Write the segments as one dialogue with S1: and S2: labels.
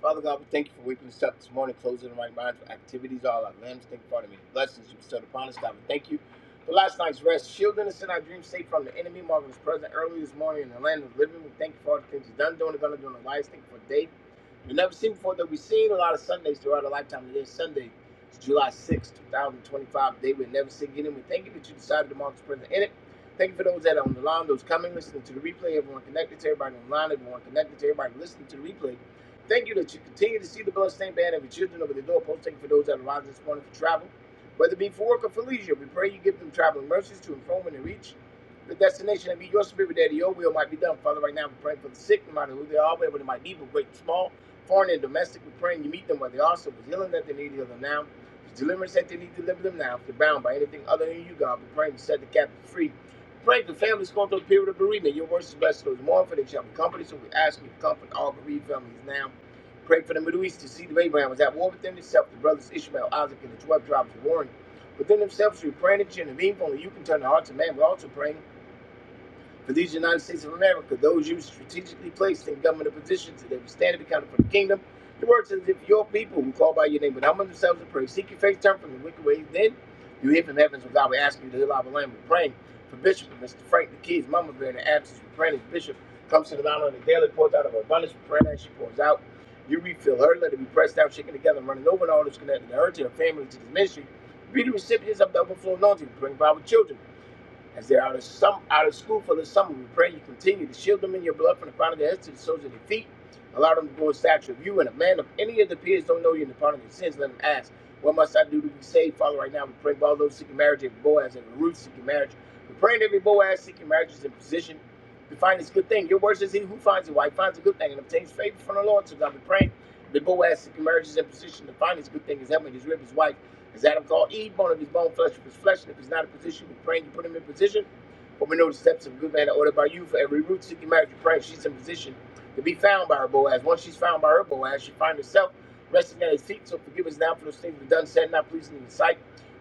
S1: Father God, we thank you for waking us up this morning, closing the right minds with activities, all our limbs. Thank you for all the many blessings you bestowed upon us, God. We thank you for last night's rest, shielding us in our dreams, safe from the enemy. Marvin was present early this morning in the land of living. We thank you for all the things you've done, doing, and going to do in our lives. Thank you for the day we've never seen before that we've seen a lot of Sundays throughout our lifetime. Today is Sunday, July sixth, 2025, day we'll never see again. And we thank you that you decided to mark us present in it. Thank you for those that are on the line, those coming, listening to the replay, everyone connected to everybody online, everyone connected to everybody listening to the replay. Thank you that you continue to see the bloodstained banner of your children over the doorpost. Thank you for those that arrived this morning for travel, whether it be for work or for leisure. We pray you give them traveling mercies to inform and to reach the destination and be your spirit that your will might be done. Father, right now we're praying for the sick, no matter who they are, whether they might be, but great and small, foreign and domestic. We're praying you meet them where they are. So if it's healing that they need, heal them now. If it's deliverance that they need, deliver them now. If they're bound by anything other than you, God, we're praying to set the captives free. Pray for families going through a period of bereavement. Your words is blessed those who mourn, for they shall be comforted. So we ask you to comfort all bereaved families now. Prayed for the Middle East. The seed of Abraham was at war within itself. The brothers Ishmael, Isaac, and the 12 tribes were warring within themselves through praying and chanting. Meaningful, you can turn the hearts of man, but also praying for these United States of America, those you strategically placed in governmental positions, that they would stand and be counted for the kingdom. The word says, if your people who call by your name would humble themselves and pray, seek your face, turn from the wicked ways, then you hear from heavens when God will ask you to heal our land. We're praying for Bishop Mr. Frank the Keys, Mama Bear in the absence. We're praying as Bishop comes to the mountain on the daily, pours out of her abundance. We're praying as she pours out. You refill her, let it be pressed down, shaken together, and running over, and all that's connected to her, to her family, to this ministry. Be the recipients of the overflow anointing. Bring power with children. As they're out of some out of school for the summer, we pray you continue to shield them in your blood from the crown of their heads to the soles of their feet. Allow them to grow in stature of you and a man of any of the peers don't know you and the pardon of their sins. Let them ask, What must I do to be saved? Father, right now we pray for all those seeking marriage, every Boaz and Ruth seeking marriage. We're praying every Boaz seeking marriage is in position to find this good thing. Your word says, He who finds a wife finds a good thing and obtains favor from the Lord. So God, we pray. that Boaz seeking marriage is in position to find this good thing. His helmet, his rib, his wife. Because Adam called Eve bone of his bone, flesh of his flesh, and if he's not in position, we pray and you put him in position. For we know the steps of a good man are ordered by you. For every root seeking marriage, you pray she's in position to be found by her Boaz. Once she's found by her Boaz, she finds herself resting at his feet. So forgive us now for those things we've done, said, not pleasing in the sight.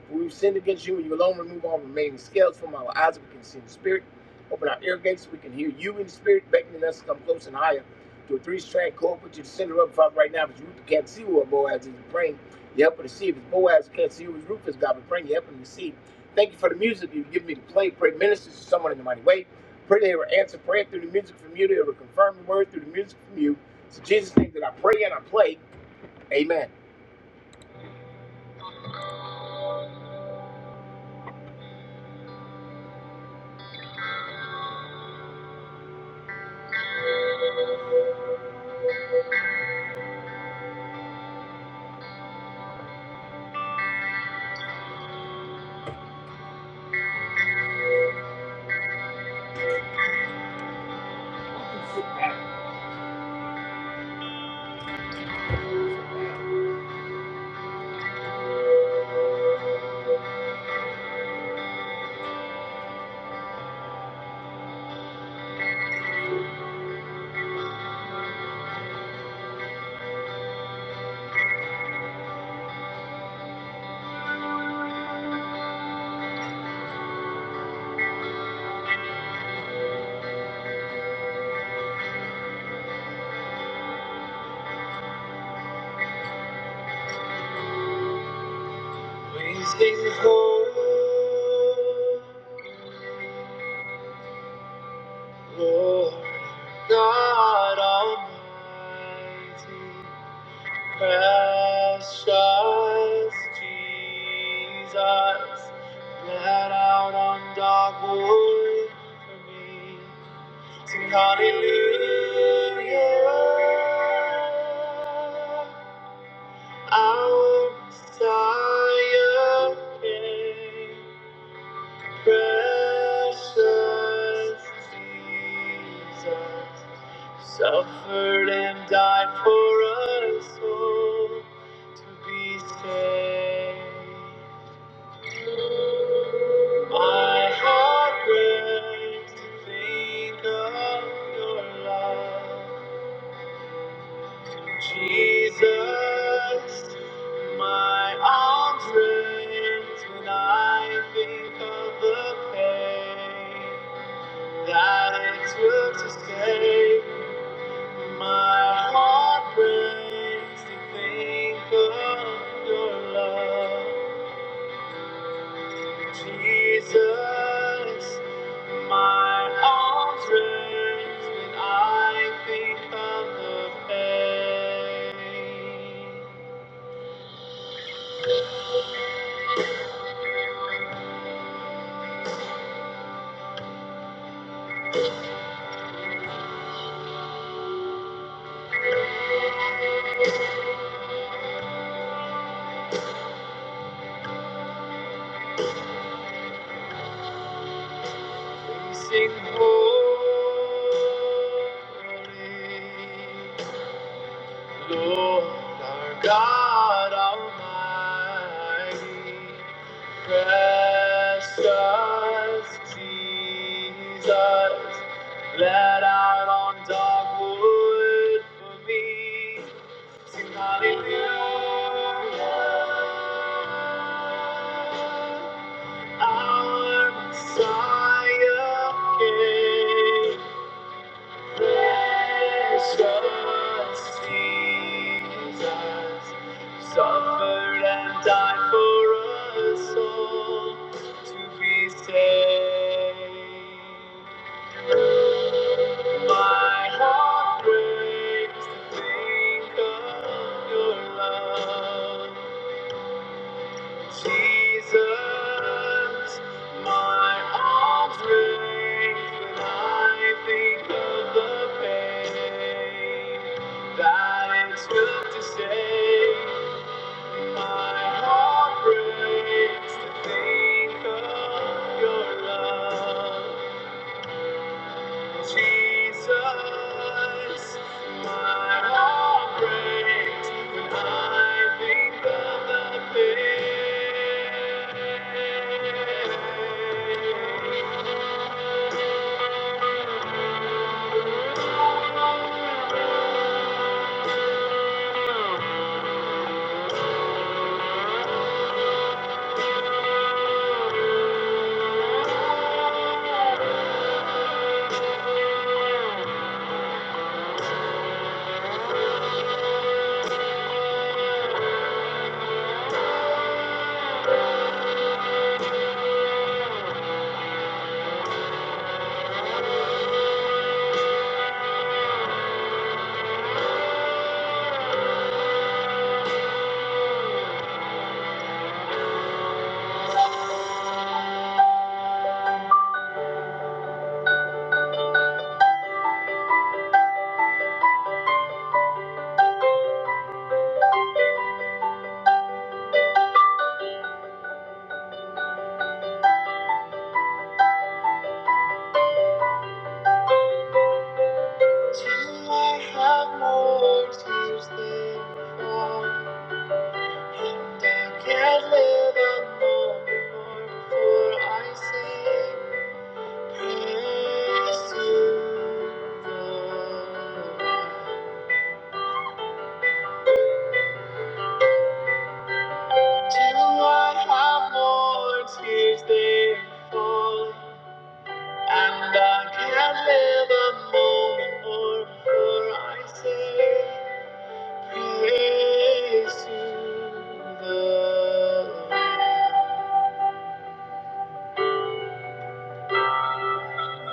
S1: For we've sinned against you, and you alone remove all remaining scales from our eyes, that we can see in the spirit. Open our ear gates, so we can hear you in the spirit, beckoning us to come close and higher to a three strand cord. Put you to center up, Father, right now, because Ruth can't see where Boaz is praying the help of the seed is Boaz, can't see who is Rufus. God will bring the help of the seed. Thank you for the music you've given me to play. Pray ministers to someone in the mighty way. Pray they will answer prayer through the music from you. They will confirm the word through the music from you. It's in Jesus' name that I pray and I play. Amen. Praise thee, Lord, Lord God Almighty. Precious Jesus, bled out on dark wood for me. Sing hallelujah, our Messiah came. Precious Jesus suffered and died for us all to be saved. My heart breaks to think of your love. Jesus, my arms raised when I think of the pain that it took to stay. My heart breaks to think of your love. Jesus, my arms raised when I think of the pain. We sing holy. Lord our God Almighty, precious Jesus, let out on dark wood for me. Sing hallelujah, our Messiah came. Precious Jesus, suffered and died for us all to be saved. My heart breaks to think of your love. Jesus, my arms raised when I think of the pain that it took to save. My heart breaks to think of your love, Jesus. My heart breaks when I think of the pain. Do I have more tears than before? And I can't live anymore, for I sing praise to the Lord. Do I have more tears than fall? And I can't live a moment more before I say. Praise to the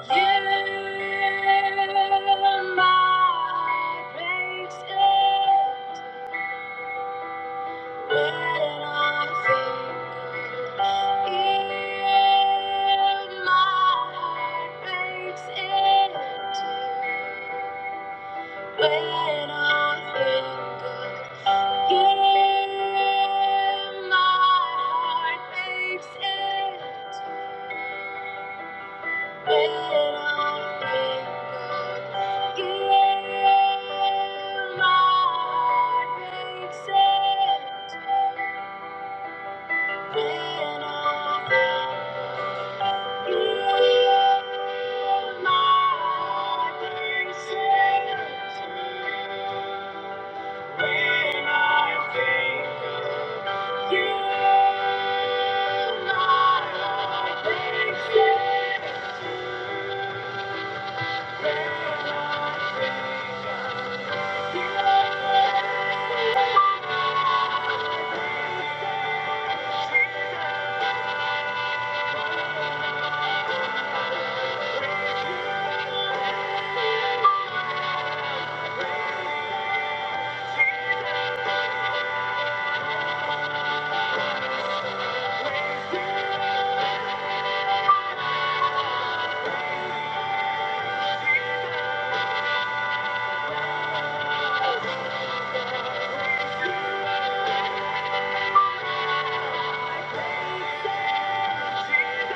S1: Yeah, my praise is when I think yeah, my praise When I think of you, my heart makes it. When I think of you, my heart makes it. When I think of you, my heart makes it. When I think of you, my heart breaks in two. When I think of you, Jesus,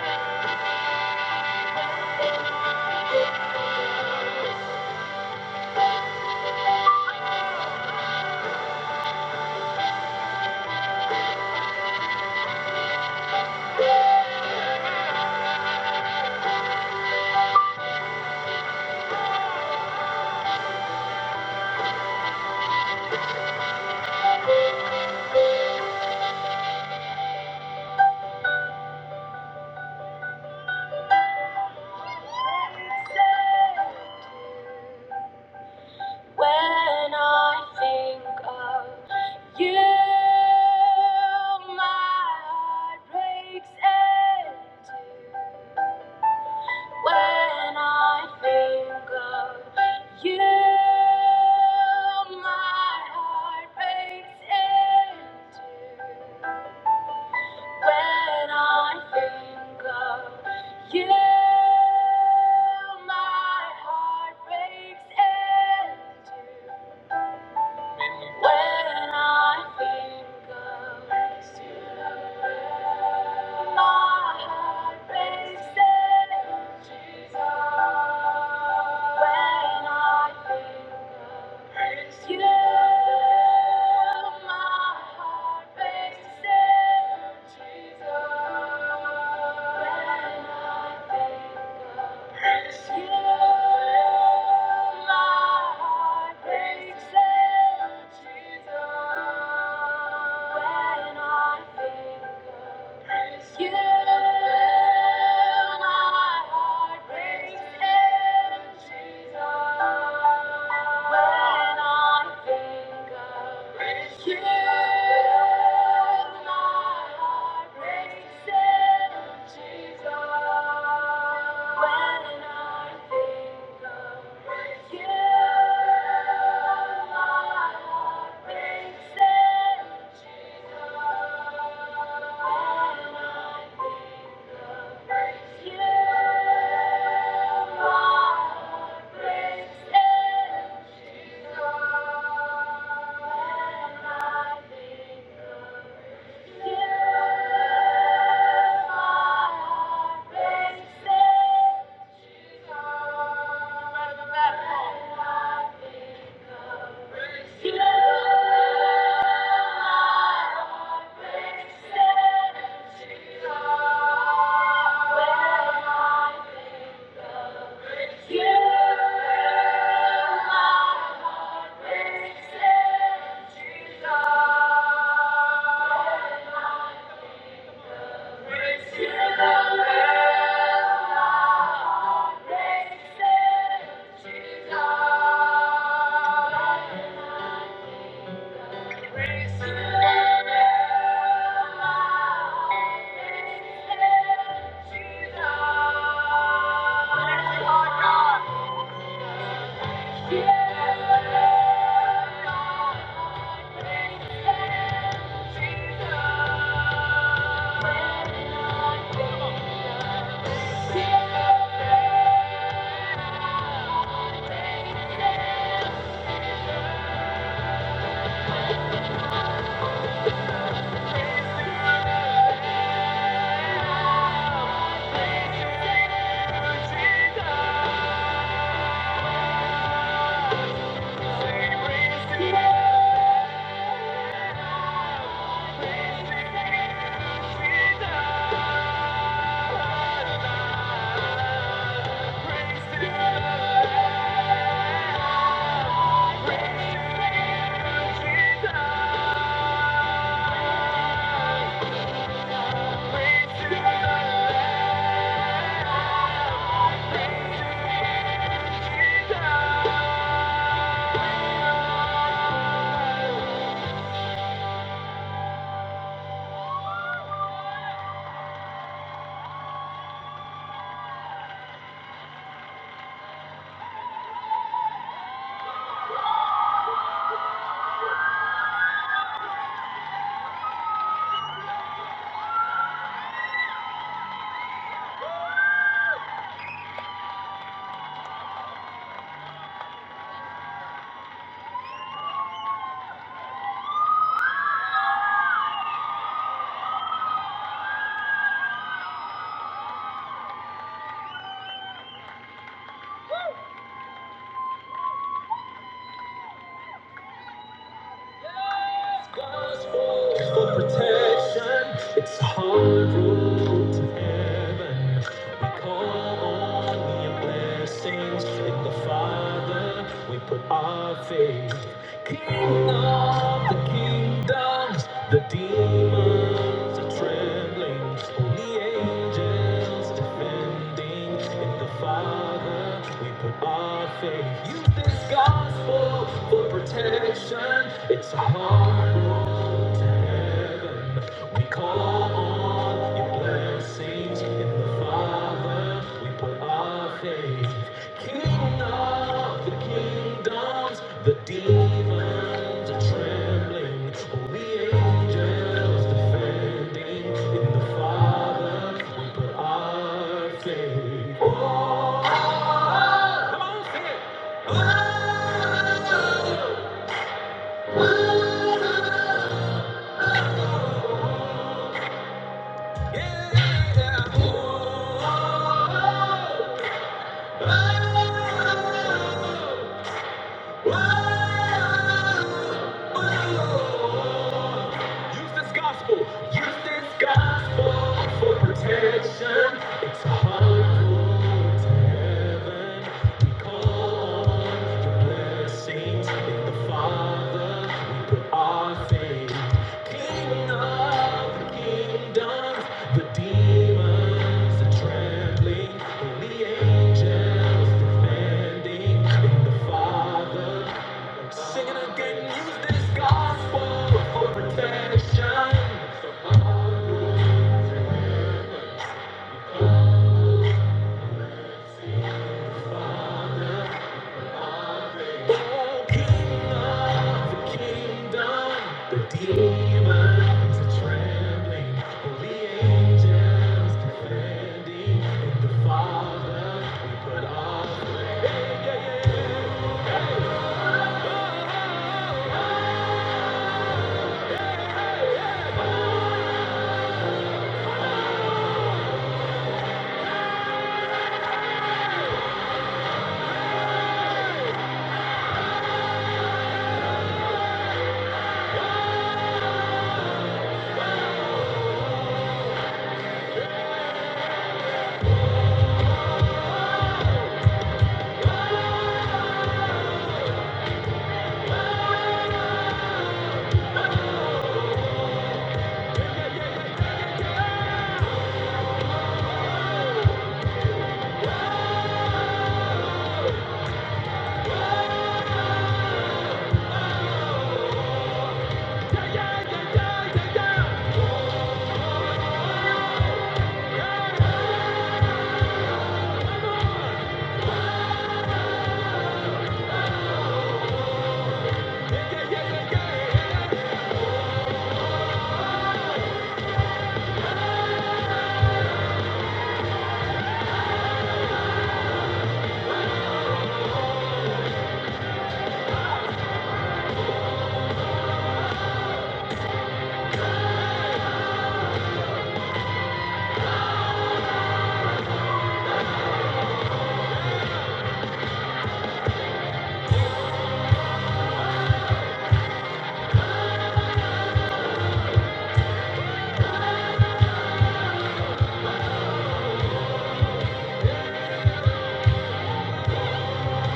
S1: When I think of you, my heart breaks in two. When I think of you, my heart breaks in two. When I think of you, my heart breaks in two. When I think of you, my heart races. Jesus. When I think of you, my heart races. Jesus. When when Jesus. Jesus. Yeah. Jesus. Yeah. Praise the Lord, Jesus. Thank you. For protection, it's a hard road to heaven. We call on the blessings in the Father. We put our faith. King of the kingdoms, the demons are trembling. Only angels defending in the Father. We put our faith. Use this gospel for protection. It's a hard road to heaven. We call on your blessings in the Father. We put our faith. King of the kingdoms, the demons are trembling. Holy angels defending in the Father. We put our faith. Oh, come on. Oh. Use this gospel. Use this gospel for protection. It's a hard road to heaven. We call on in the Father, we put our faith. King of the kingdoms, the demons are trembling, and the angels defending. In the Father, sing it again, this gospel for protection. For the Father, yeah.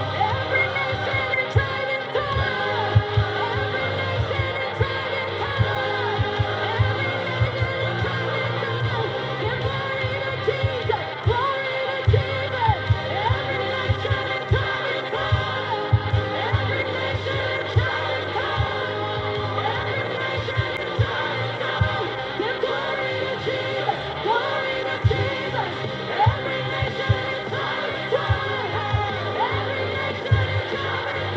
S1: Every nation, and tribe, Thank you. Every nation, every nation, every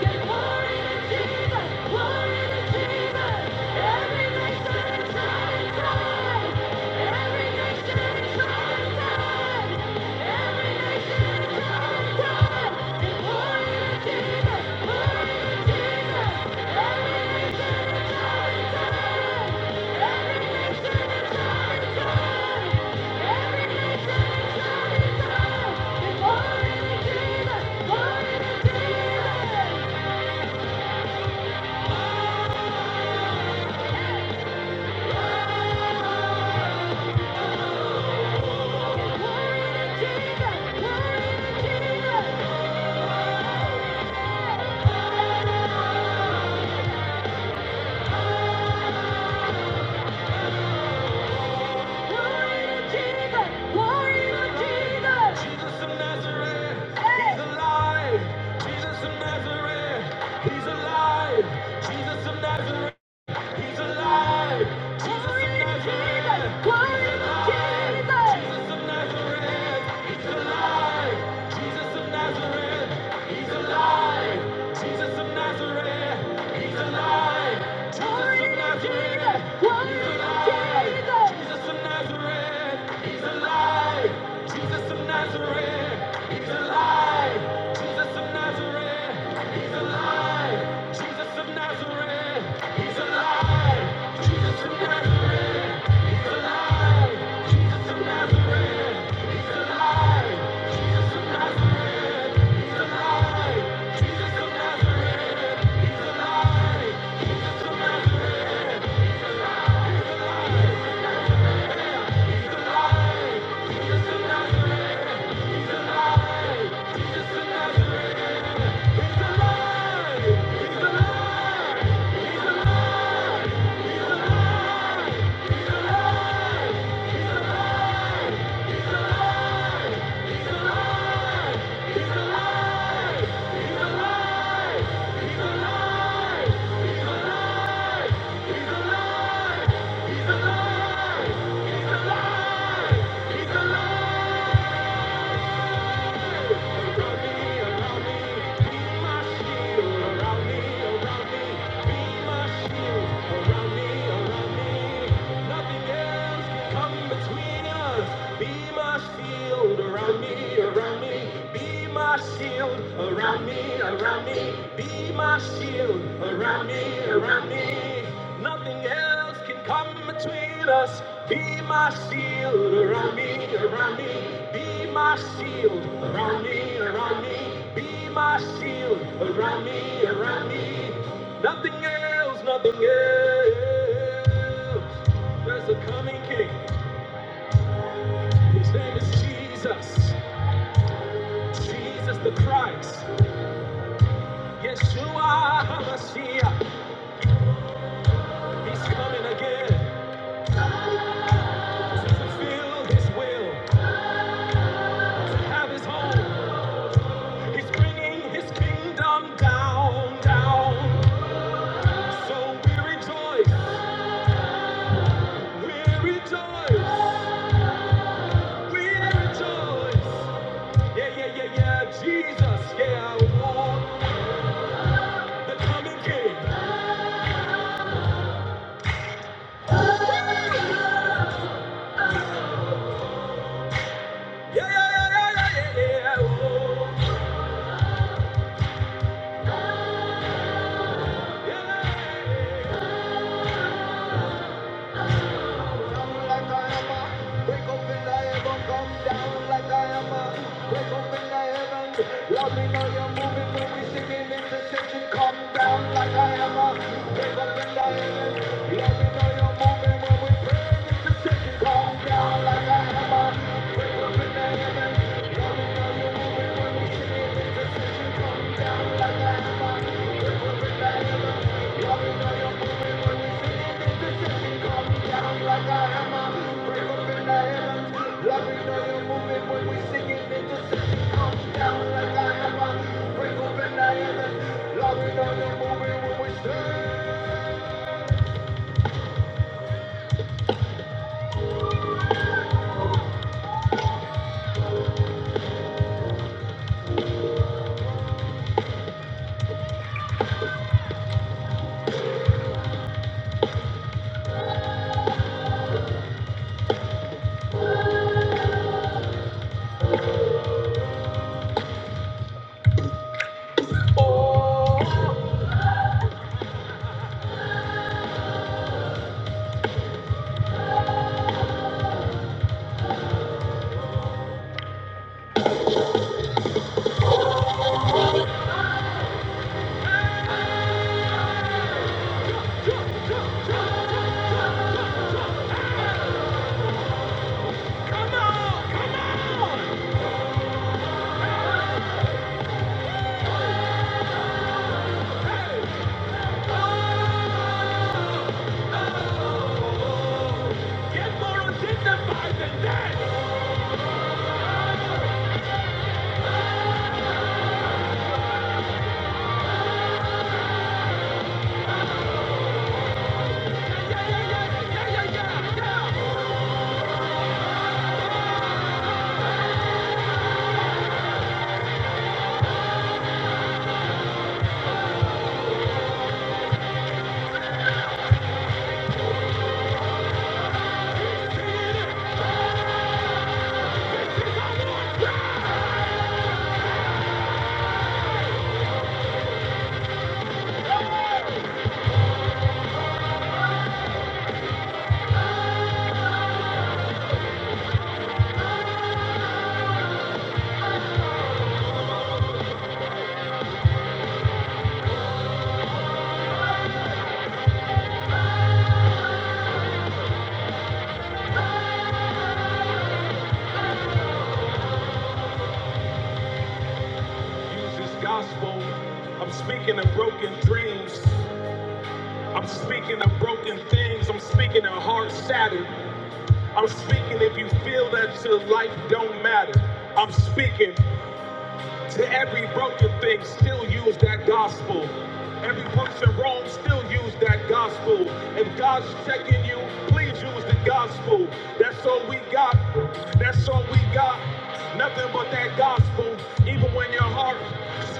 S1: nation. Thank Jesus. Jesus of Nazareth, he's alive. Jesus of Nazareth. He's alive. Jesus of Nazareth. He's alive. Jesus of Nazareth. He's alive. Jesus of Nazareth. He's alive. Jesus of Nazareth. He's alive. Jesus of Nazareth. He's alive. Jesus of Nazareth. He's alive. Jesus of Nazareth. He's alive. Jesus of Nazareth, he's alive. Jesus of Nazareth, he's alive. Jesus of Nazareth, he's alive. Jesus of Nazareth, he's alive. Jesus of Nazareth, he's alive. Jesus of Nazareth, he's alive. Jesus of Nazareth, he's alive. He's alive. Around me, around me, be my shield around me, around me. Nothing else can come between us. Be my shield around me, around me. Be my shield around me, around me. Be my shield around me, around me. Nothing else, nothing else. There's a coming King. His name is Jesus. Jesus the Christ. Yeshua HaMashiach. He's coming again. fulfill his will, have his home. He's bringing his kingdom down, down. So we rejoice, we rejoice, we rejoice. Yeah, yeah, yeah, yeah, Jesus, yeah, oh, the coming king. Yeah, yeah, yeah, yeah, yeah, yeah, yeah, oh, yeah. yeah, yeah, yeah. like the heaven, come down. Use this gospel. I'm speaking of broken dreams. I'm speaking of broken things. I'm speaking of hearts shattered. I'm speaking if you feel that your life don't matter. I'm speaking. To every broken thing, still use that gospel. Every person wrong, still use that gospel. If God's checking you, please use the gospel. That's all we got. That's all we got. Nothing but that gospel. Even when your heart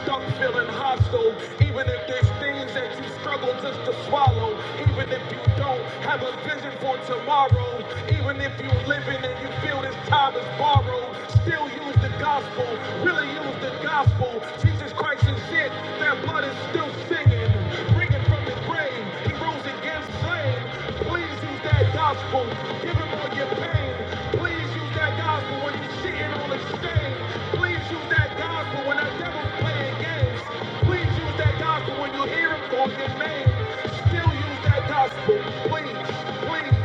S1: stuck feeling hostile, even if there's things that you struggle just to swallow, even if you don't have a vision for tomorrow, even if you're living and you feel this time is borrowed, still still use the gospel, really use the gospel. Jesus Christ is dead, their blood is still singing, bringing from the grave. He rose again slain. Please use that gospel, give him all your pain. Please use that gospel when you're sitting on the stage. Please use that gospel gospel, when the devil's playing games, please use that gospel when you hear him call your name. Still use that gospel, please, please.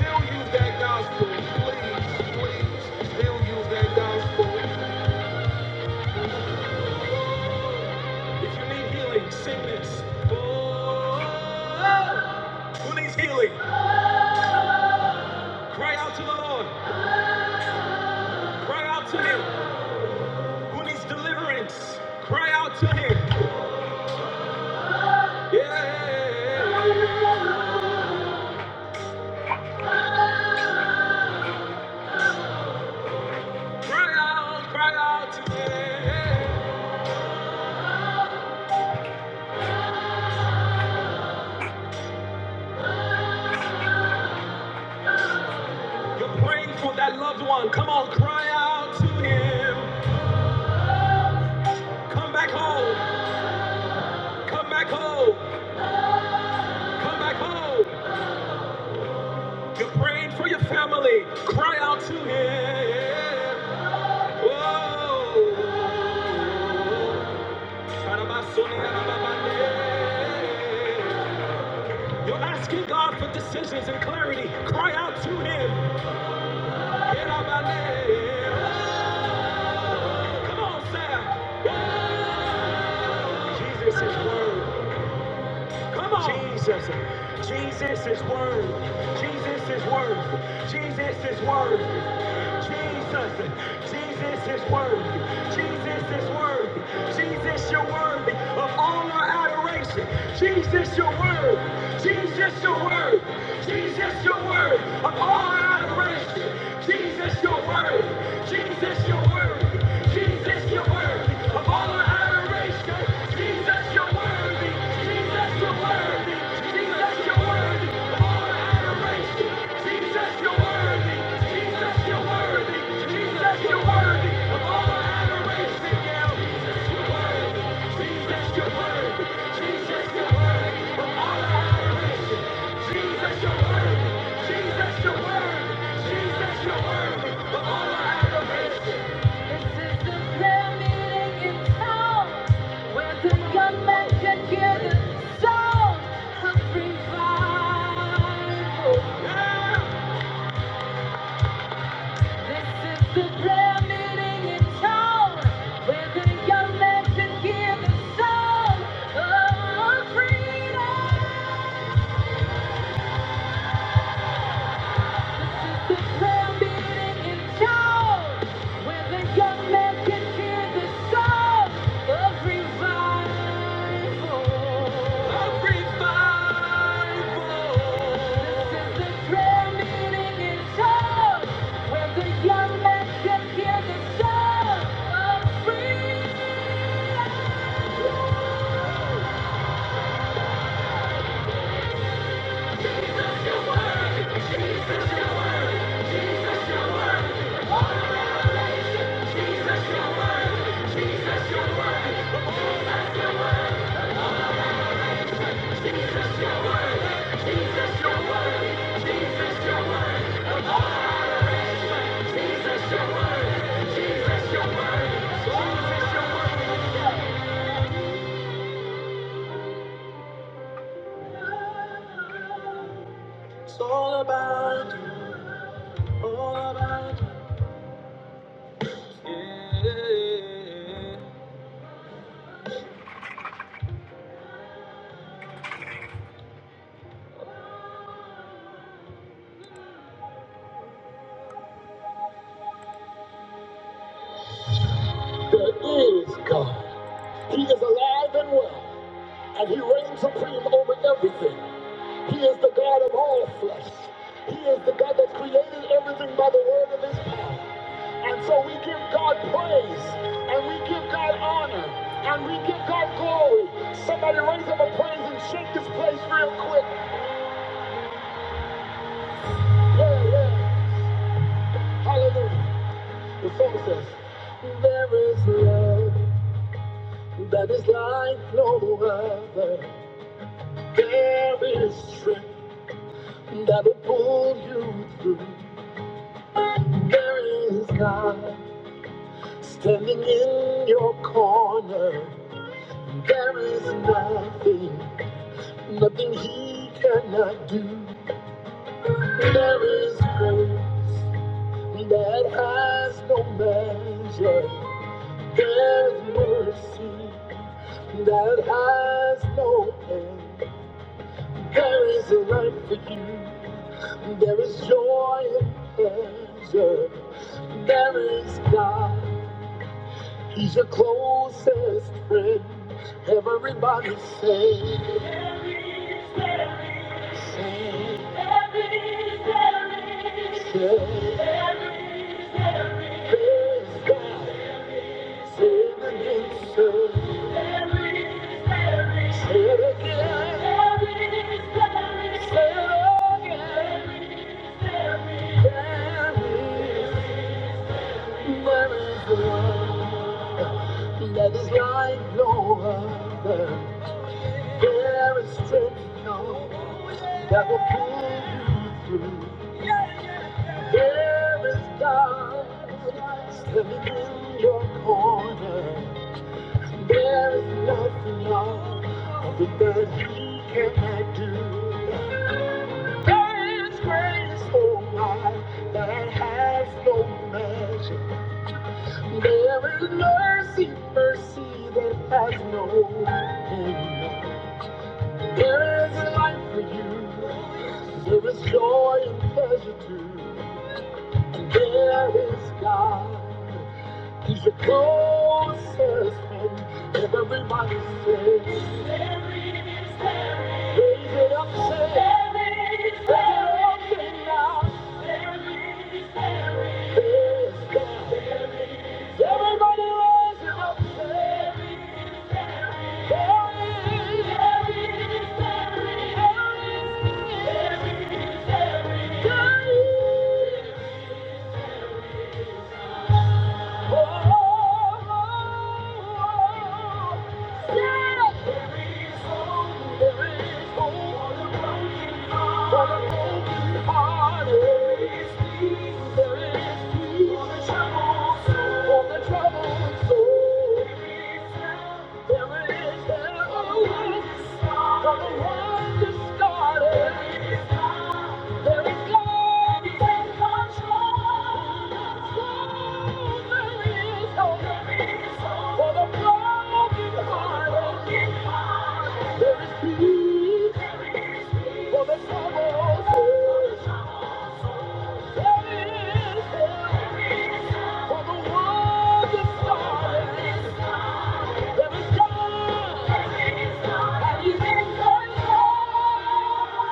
S1: Still use that gospel, please, please. Still use that gospel. If you need healing, sing this. Oh, who needs healing? Cry out to the Lord. Cry out to Him. Who needs deliverance? Cry out to Him. Yeah. Cry out, cry out to Him. You're praying for that loved one. Come on, cry out to him. Come back home. Come back home. Come back home. You're praying for your family. Cry out to him. Whoa. You're asking God for decisions and clarity. Cry out to him. Come on, Sam. Jesus is word. Come on. Jesus. Jesus is worthy. Jesus is worthy. Jesus is worthy. Jesus. Jesus is worthy. Jesus is worthy. Jesus, you're worthy of all our adoration. Jesus, you're worthy. Jesus, your word. Jesus, your word. Of all adoration. Jesus, your word. Jesus, your word. Jesus, your word. Of all adoration. Jesus, your word. Jesus, your word. Jesus, your word. Together, so I'm revival. This is the prayer meeting in town where the young man can hear the sound of freedom. This is the prayer meeting in town where the young man can hear the sound of revival. This is the prayer meeting in town where the young man can hear the sound of freedom. It's all about you, all about you, yeah. He is alive and well, and he reigns supreme over everything. He is the God of all flesh. He is the God that created everything by the word of his power. And so we give God praise and we give God honor and we give God glory. Somebody raise up a praise and shake this place real quick. Yeah, yeah. Hallelujah. The song says, There is love that is like no other. There is strength that will pull you through. There is God. Standing in your corner, there is nothing, nothing he cannot do. There is grace that has no measure. There is mercy that has no end. There is a life for you. There is joy and pleasure. There is God. He's your closest friend. Everybody say. every fairy, every fairy, every fairy. That is like no other. There is strength that will pull you. There is God standing in your corner. There is nothing wrong other than you cannot do. There is grace, oh my, that has no measure. There is mercy, mercy that has no end. There is life for you. There is joy and pleasure too. And there is God. He's the closest friend that everybody says. There he is, there he is. Raise it up, say. There he is, there he is. Raise it up, say now. Praise God. There he is. Everybody raise it up, say. There he is, there he is, there he is, there he is God. From the one who Started. There is God in control.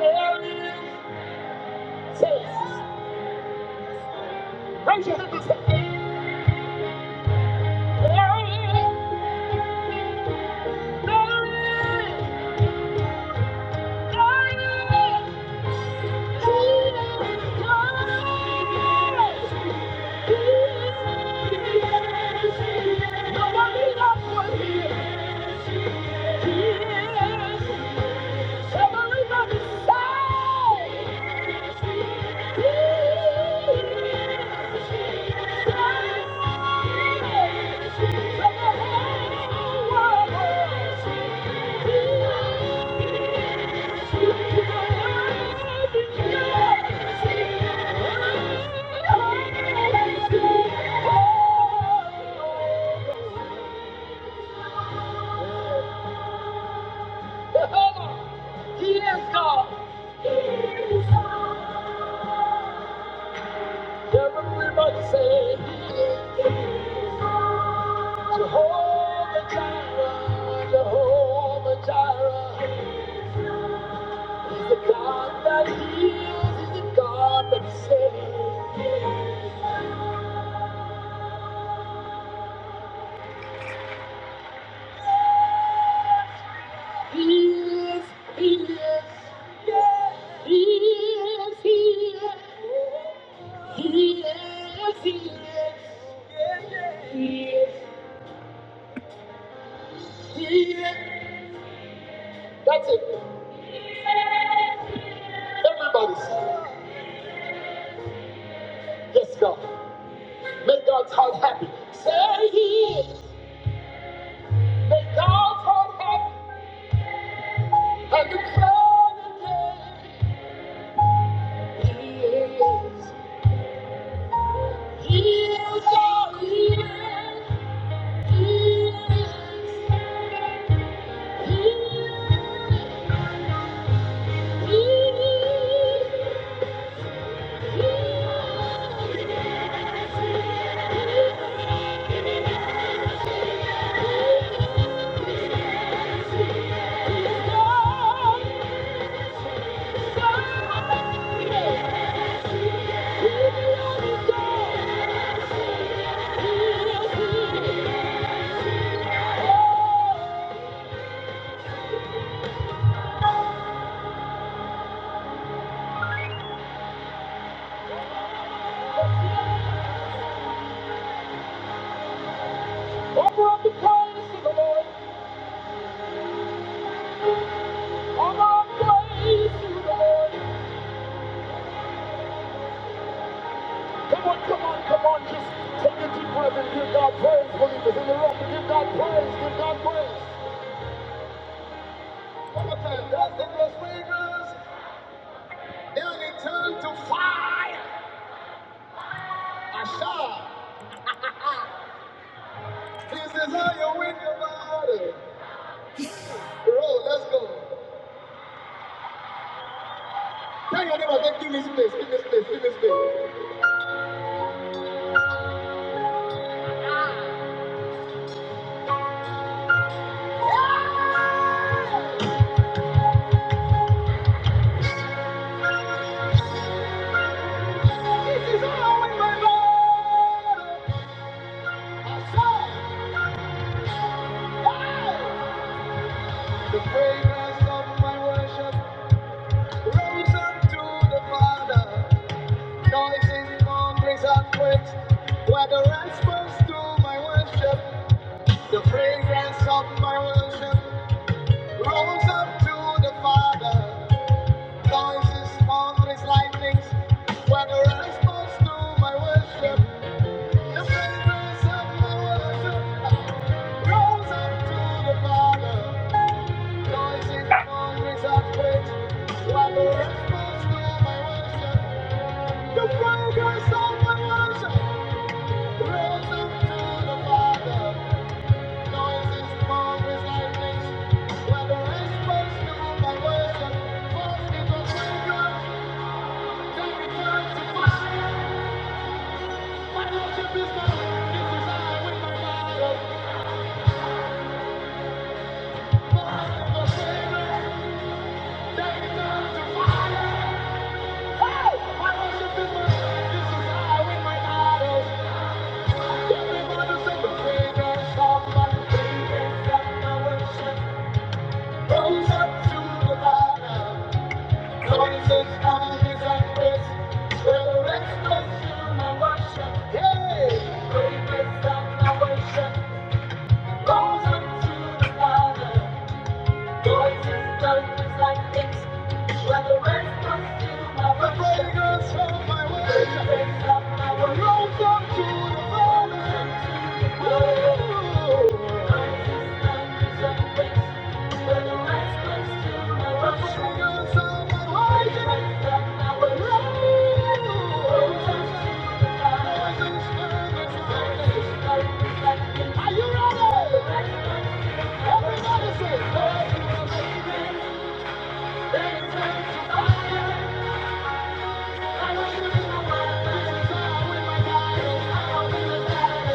S1: Raise your hand and say, Thank you. He is God. Everybody say He is Jehovah Jireh, Jehovah Jireh. He's the God that heals, he's the God that saves. He is, he is, yeah. He is, he is, he is, he is, yeah, yeah, he is, he is. That's it. Everybody say, yes, God. Make God's heart happy. Say he is. Make God's heart happy. And declare the day. Thank you. The fragrance of my worship rose unto the Father. Noises, thunders, and were the response to my worship. The fragrance of my worship rose unto the Father. Noises, thunders, lightnings were the response to my worship. The fragrance of my worship rose unto the Father. Noises, You are the response to my worship. The progress of my worship. Praise unto the Father. Noises, thunders, lightnings. You are the response to my worship. praise. You are the response to my worship. Praises and my the Father. Noises, thunders, lightnings. You are the response to my worship. Praise and my worship. Are you ready? Everybody say, Thank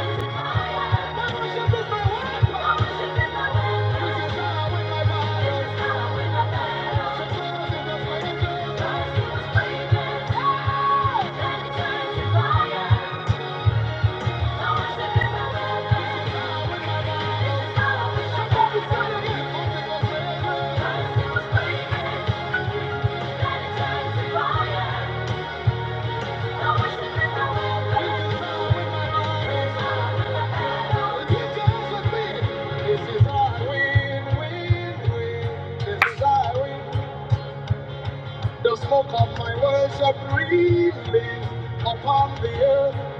S1: you. Thank you. The smoke of my worship release upon the earth.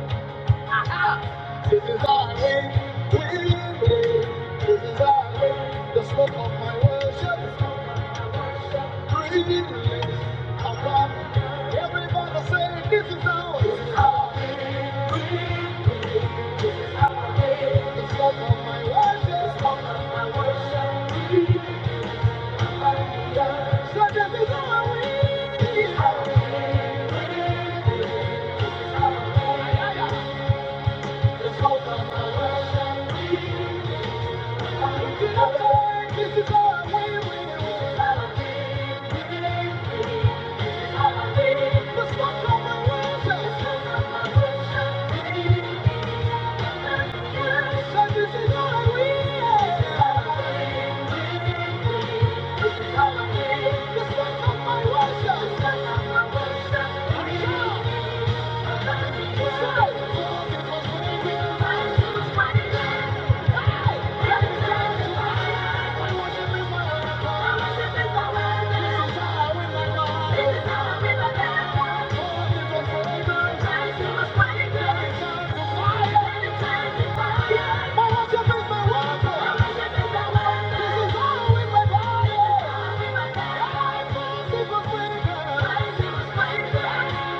S1: This is our way, win, win. This is our way. The smoke of my worship release upon the earth. everybody. Say, this is our way. This is our way. This is our way. The smoke of my worship. The smoke of my worship. release. this This of of my worship, this one of my you. Thank you.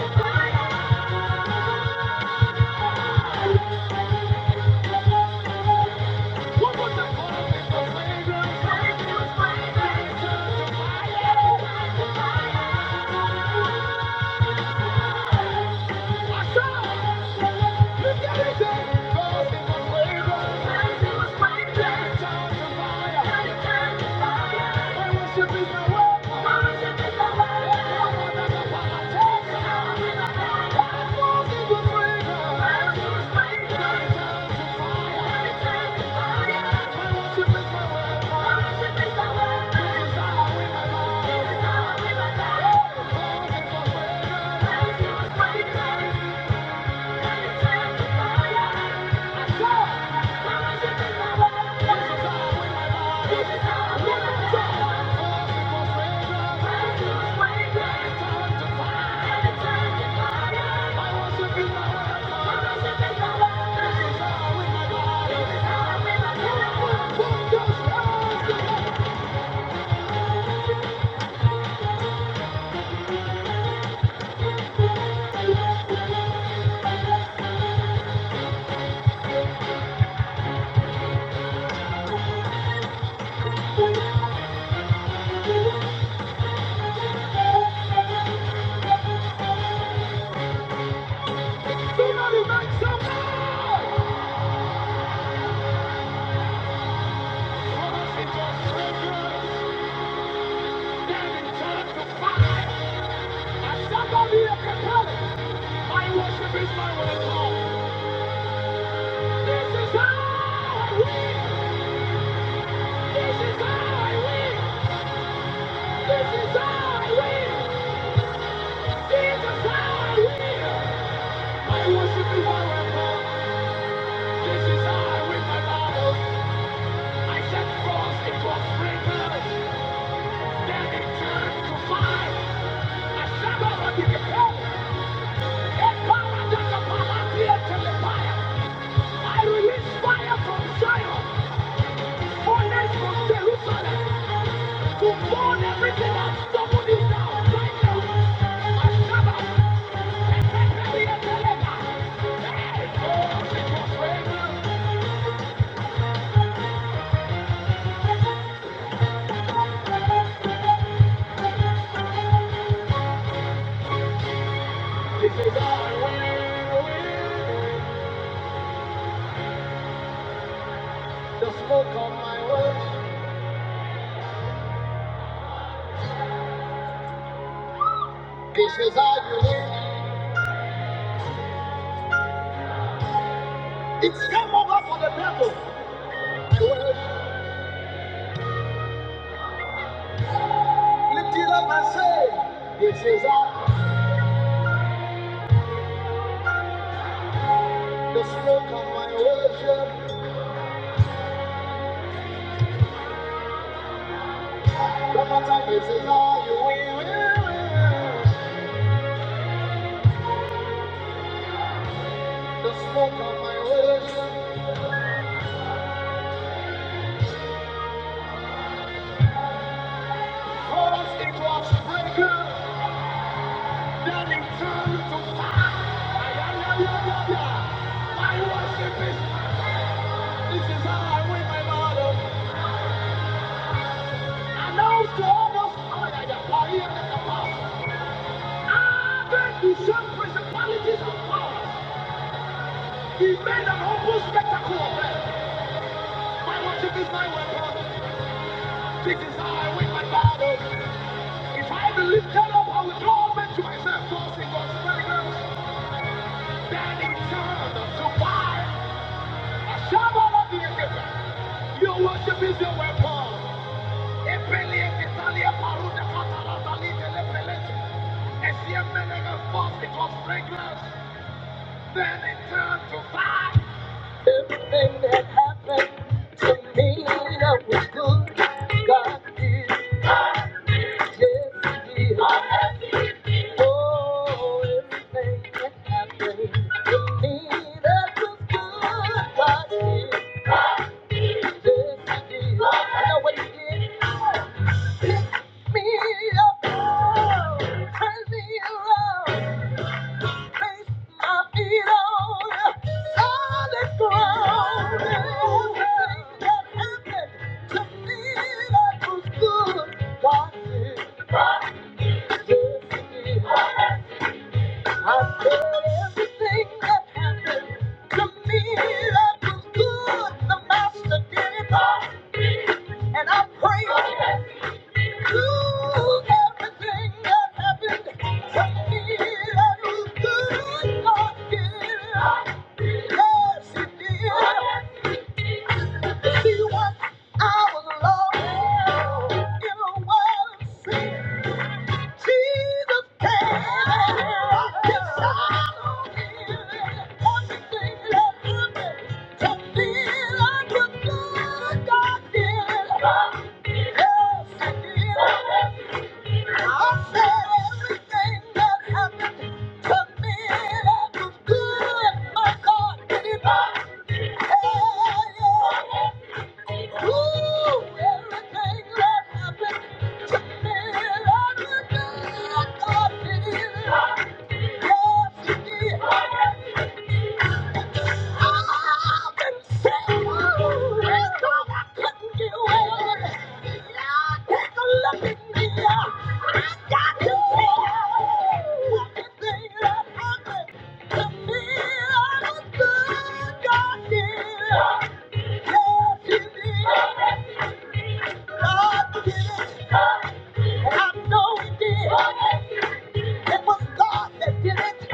S1: Thank you. Worship is the way. Worship is the way. I want to the Thank you. Thank you. I worship is my weapon. I release fire from Zion, furnace from Jerusalem. To burn everything that's stopping you down right now. Ashaba, Ezekiel, Ezekiel. Hey, God, because right This is how I win, the smoke on my way. This is how you win, the smoke on my time. This is how you win. win, win. Ah, you shall principalities of powers. He made an open spectacle of them. My worship is my weapon. This is how I win my battle. If I be lifted up, I will draw men to myself. Thus in God's fragrance, then in turn to buy a shovel of the equipment. Your worship is your weapon. Epele Italia Paruda Catala Dalite Lepelete. Esiem Menega first in God's fragrance, then in turn to buy. Everything that happened to me that was good, God is just here. Oh, everything that happened to me that was good, God did. Yes, He did. I know what He did. Picked me up, turn me around, placed my feet on solid ground. Everything that happened to me that was good, God did. Yes, He did. I said everything that happened to me that was good, the master did it all, and I praise him. Ooh, everything that happened to me that was good, God did it all. Yes, he did. See once I was lost in a world of sin. Jesus came and his sorrow healed. Everything that would be to feel I could do, God did. Yes, he did. I said everything that happened to me that was good, my God did it. Yeah, yeah. Ooh, everything that happened to me that was good, God did it. I know he did. It was God that did it.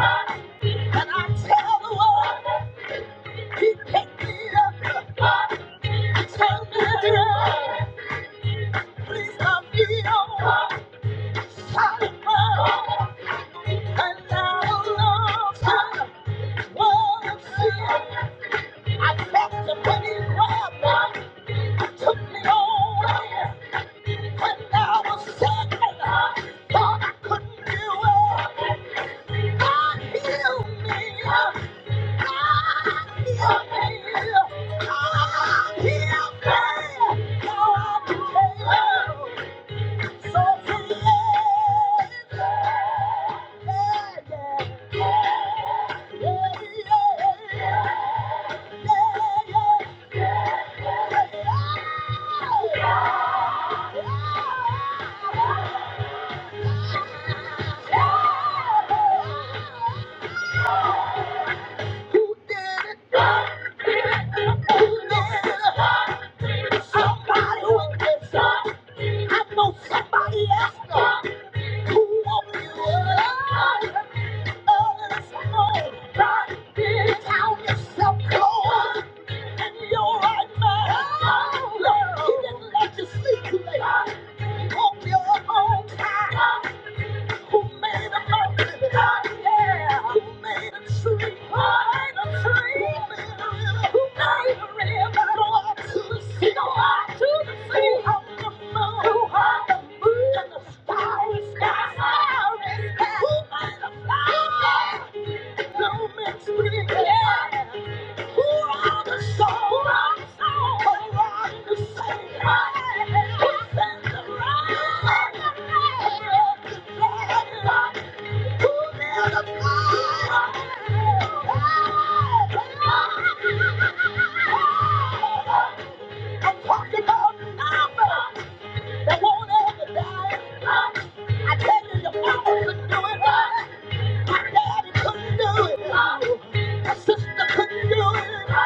S1: And I tell the world. He picked me up, turned me around. Please me on solid ground. And now along comes what I'm seeing. I felt the money grab me, took me on. When I was sick and I thought I couldn't do it, God healed me. Who did it? Who did it? Somebody who gets up. I know somebody else up. Who won't be up? Others know God did Count yourself cold. And you're right, now. Look, he didn't let you sleep too late. He you up on time. Who made the mountain? God, yeah. Who made the tree? God, made the tree. Who made a river? Go out to the sea. Go out to the sea. Who hung the moon? Who hung the moon? And the starry sky. Starry sky. Who made the flower? No man's free. Yeah. I'm talking about numbers that won't ever die. I tell you, your mama could do it. My daddy could do it. My sister couldn't do it.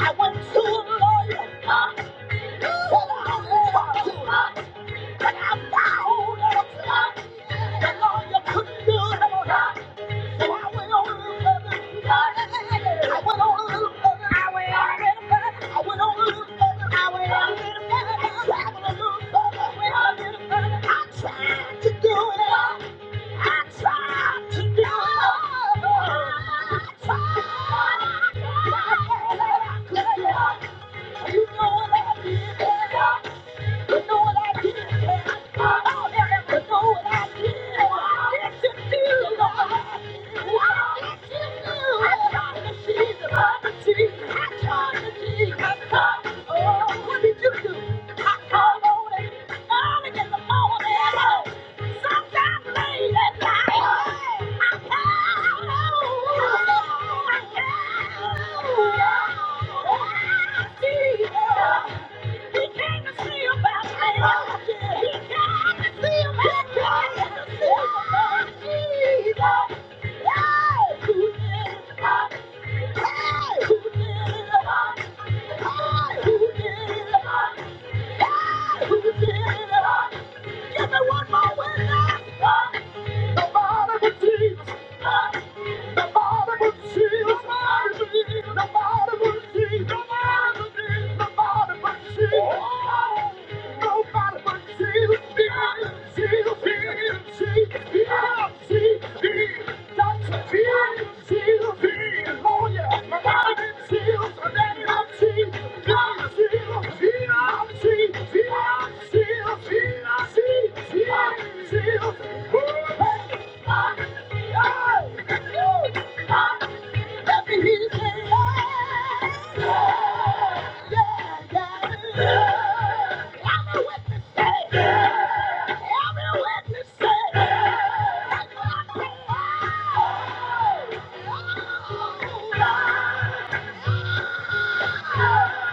S1: I went to a lawyer. said I was talking. I'm bound and I'm bound. That's all you could do. So I went on a little further. I went on a little further. I went on a little further. I went on a little further. I went on a little further. Traveled a little further. I went on a little further. I tried to do it all. I tried to do it all. I tried. But I can't let it go. You know what I did. I Yeah. He came to see about me. He came to see about me. He came to see about Jesus. Hey, who did it? about Hey, who did it? Uh, Hey, who did it? Uh, Hey, who did it? about? Give me one more witness. The Father would see. The Father would see. us. The Father would see. us. The Father would see. us. The Father would see. us. The Father would see. us. Nobody but Jesus. Jesus. Jesus. Jesus. Jesus. Jesus. Doctor Jesus. Jesus. Jesus. Oh yeah. My body been sealed. My daddy I'm sealed. God sealed. I'm sealed. I'm sealed. Yeah.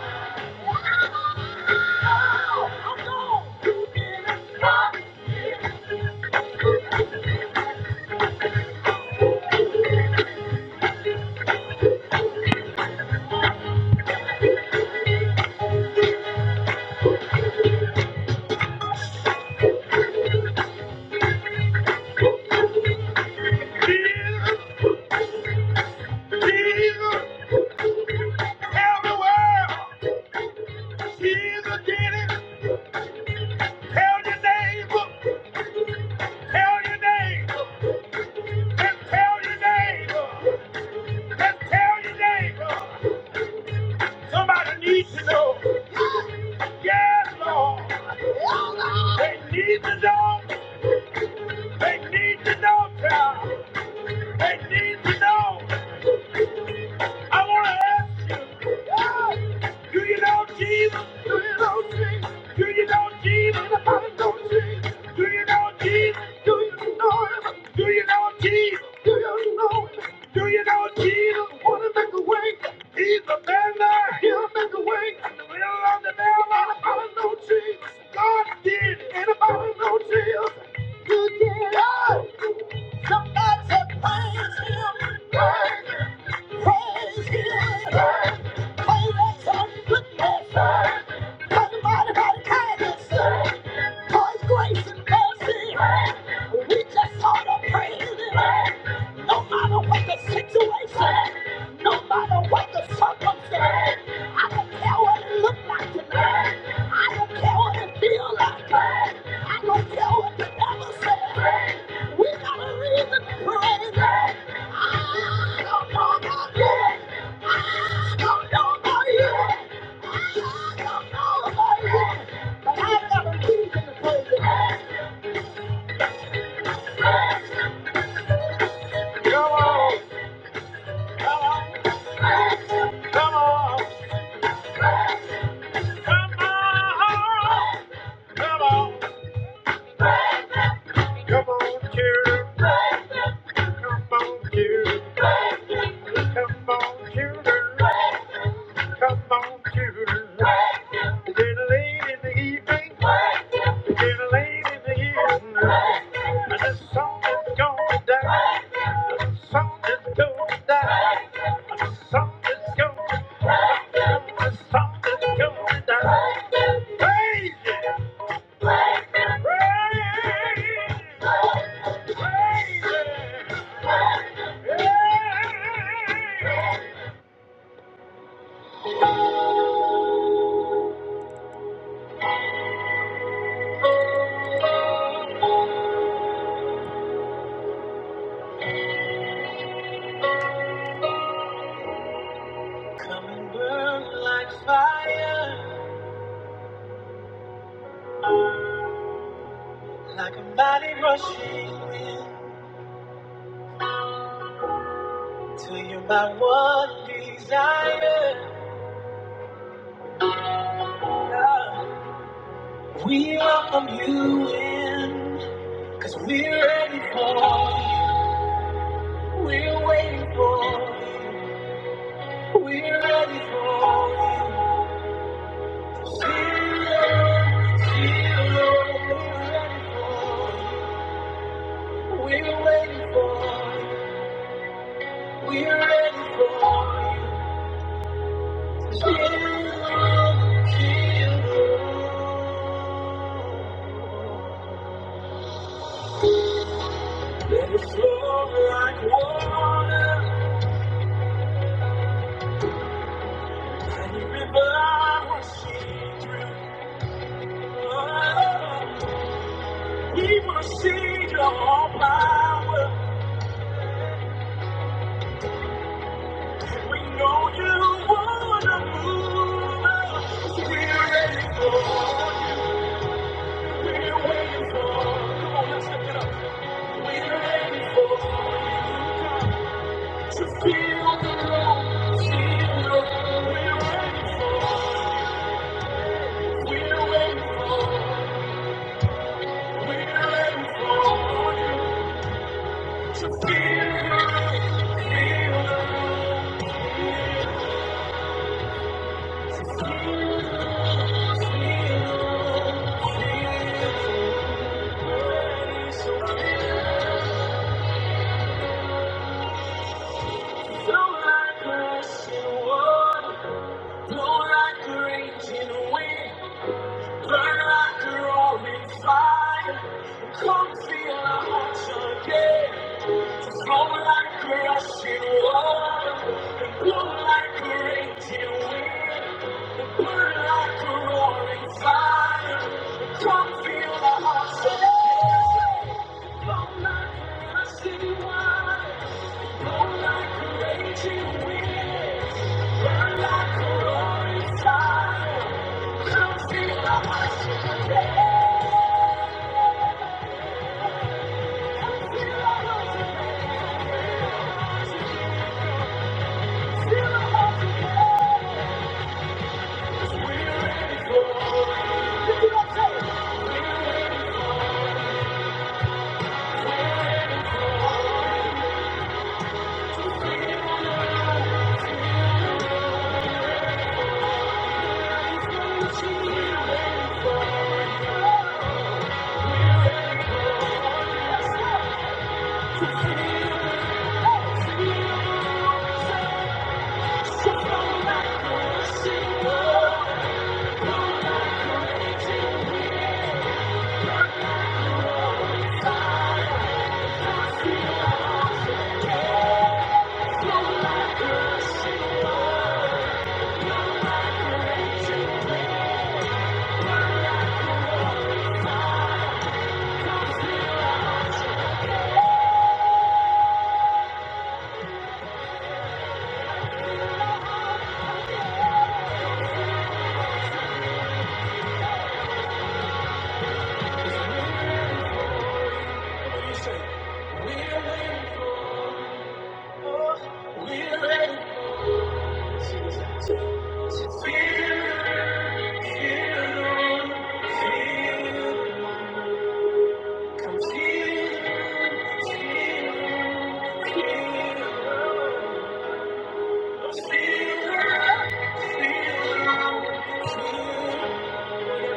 S1: Do you wait? He's a man. He'll make it. God did it. Always on goodness, talking about and mercy. We just ought to praise no matter what the situation, no matter what the circumstance. I don't care what it look like tonight. I don't care what it feel like. I don't care what the devil says. We got reason to praise Him. I do know about you. Come on, cuter. Come on, cuter. Come on, cuter. Little late in the evening. Little late in the evening. And the song is going The song is gonna die. The song is gonna die. The song is gonna die. Praise it. Praise it. Come and burn like fire, like a mighty rushing wind. Till you're my one desire. God. We welcome you in, cause we're ready for you. We're waiting for you. We're ready for you. And revival will see through. Oh, we wanna see your power. We know you wanna move We're ready for you. We're waiting for you. We're ready for you. Blow like a raging wind, burn like a roaring fire. Come feel our hearts again. Flow like a rushing water, blow like a raging wind, burn like a roaring fire. Come feel.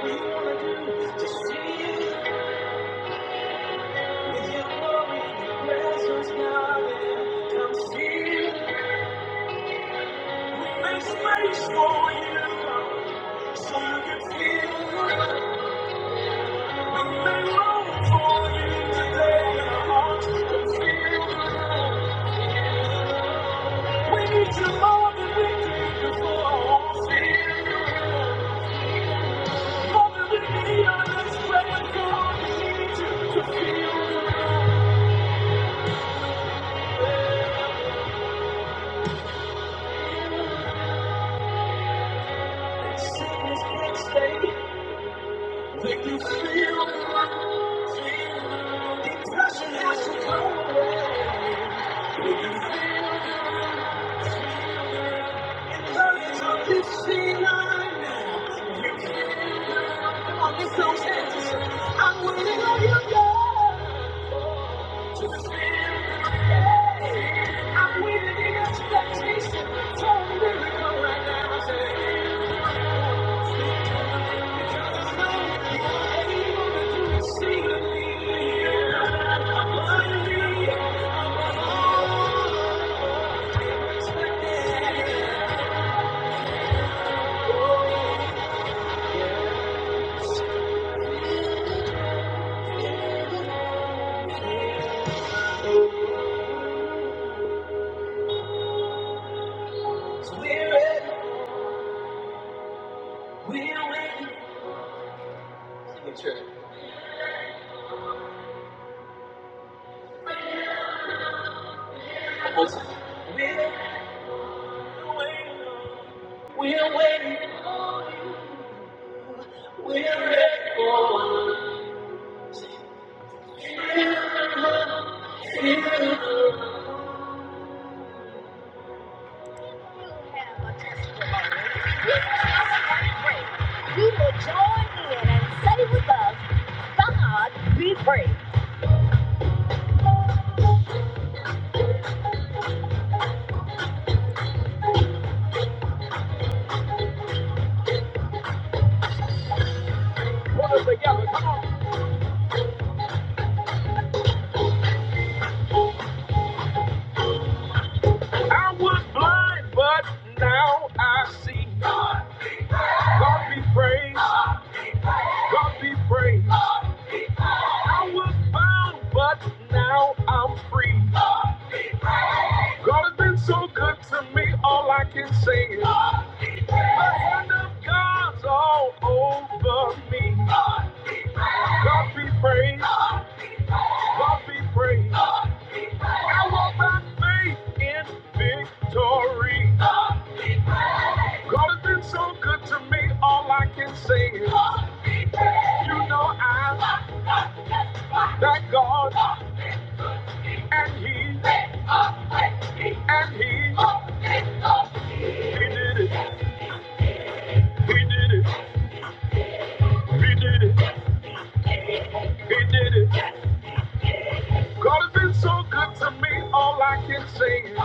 S1: We will join in and say with us, God be praised. But now I see God be praised, God be praised. I was bound, but now I'm free. God look to me, all I can say is. God's all over me. God be praised. God be praised. By faith in victory. God has been so good to me. All I can say is, you know I thank God and He and He He did it. He did it. He did it. He Did it. it.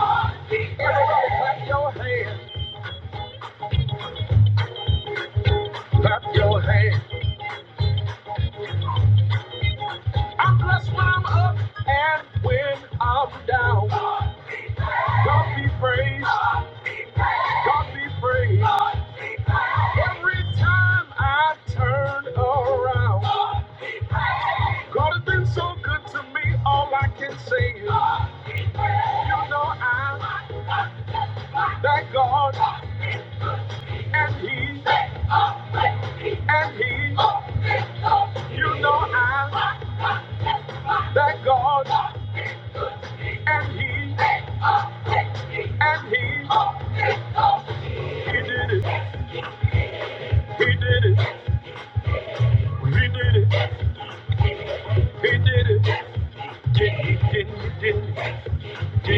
S1: I'm blessed when I'm. I'll be. God be praised. Every time I turn around. God has been so good to me. All I can say is, you know I thank God and He and He. You know I thank God and He and He. He did it. He did it. He did it. He did it. Did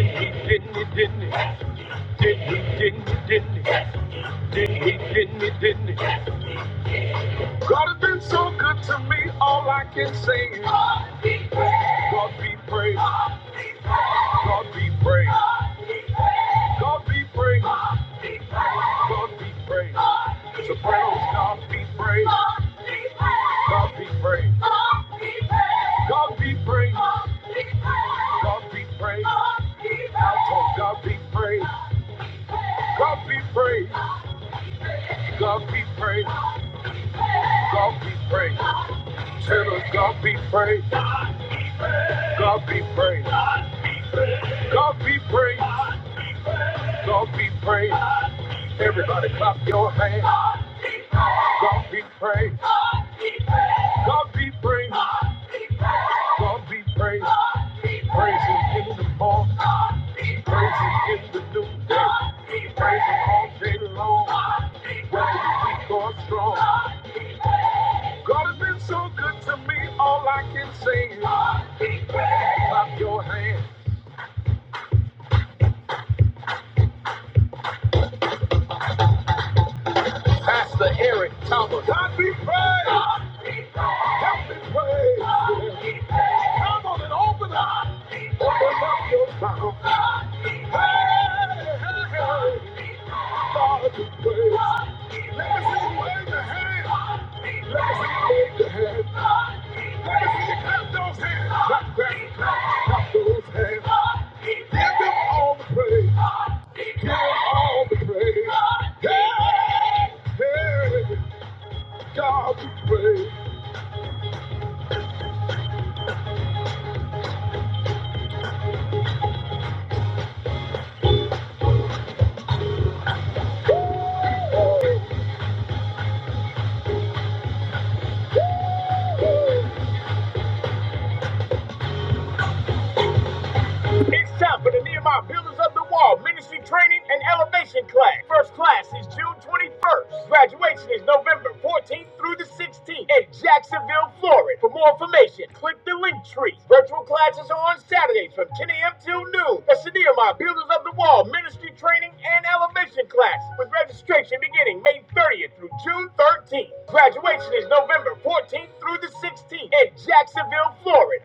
S1: he? Did he? Did he? Did he? Did he? Did he? Did he? Did he? Did he? did he, did he? God has been so good to me, all I can say is, God be praised, God be praised. God be praised. God be praised. It's a praise. God be praised. God be praised. God be praised. God be praised. Alto, God be praised. God be praised. God be praised. God be praised. Tell us God be praised. God be praised. God be praised. God be praised. Everybody clap your hands. God be praised. God be praised. God be praised. He praising in the morning. He praising in the noonday. He praising all day long. Whether you weak or strong. It's time for the Nehemiah Builders of the Wall Ministry Training and Elevation Class. First class is June 21st. Graduation is November 14th through the 16th in Jacksonville, Florida. For more information, click the link tree. Virtual classes are on Saturdays from 10 a.m. till noon. That's the Nehemiah Builders of the Wall Ministry Training and Elevation Class with registration beginning May 30th through June 13th. Graduation is November 14th through the 16th in Jacksonville, Florida.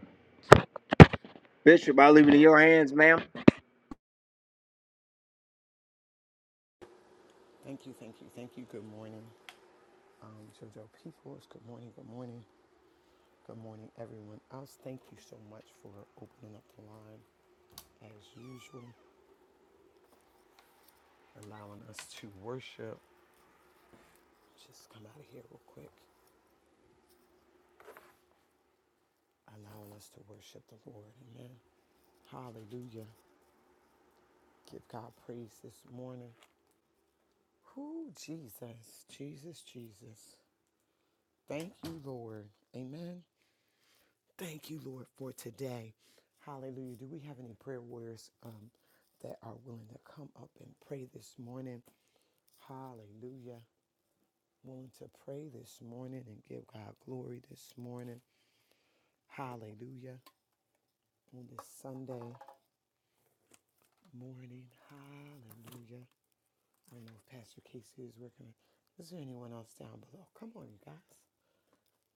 S1: Bishop, I leave it in your hands, ma'am.
S2: Thank you, thank you, thank you. Good morning, um, JoJo Peoples. Good morning, good morning, good morning, everyone else. Thank you so much for opening up the line as usual, allowing us to worship. Just come out of here real quick. Allowing us to worship the Lord. Amen. Hallelujah. Give God praise this morning. Who Jesus, Jesus, Jesus. Thank you, Lord. Amen. Thank you, Lord, for today. Hallelujah. Do we have any prayer warriors um, that are willing to come up and pray this morning? Hallelujah. Willing to pray this morning and give God glory this morning. Hallelujah. On this Sunday morning. Hallelujah. I don't know if Pastor Casey is working. Is there anyone else down below? Come on, you guys.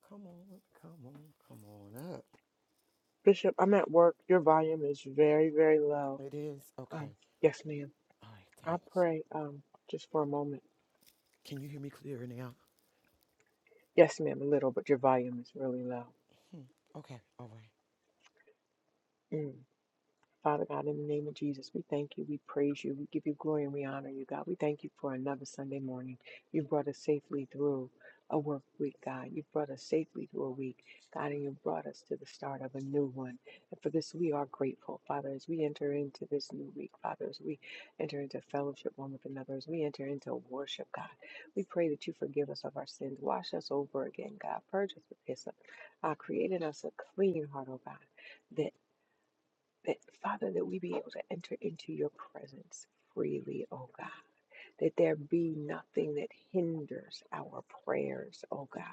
S2: Come on, come on, come on up.
S3: Bishop, I'm at work. Your volume is very, very low.
S2: It is?
S3: Um,
S2: Okay.
S3: yes, ma'am.
S2: All right,
S3: I
S2: thanks.
S3: pray um, just for a moment.
S2: Can you hear me clearer now?
S3: Yes, ma'am, a little, but your volume is really low.
S2: Hmm. Okay, all right.
S3: Mm. Father God, in the name of Jesus, we thank you, we praise you, we give you glory and we honor you, God. We thank you for another Sunday morning. You brought us safely through a work week, God. You brought us safely through a week, God, and you brought us to the start of a new one. And for this, we are grateful, Father, as we enter into this new week, Father, as we enter into fellowship one with another, as we enter into worship, God. We pray that you forgive us of our sins. Wash us over again, God. Purge us with hyssop. Uh, create in us a clean heart, oh God That. That, Father, that we be able to enter into your presence freely, oh God. That there be nothing that hinders our prayers, oh God.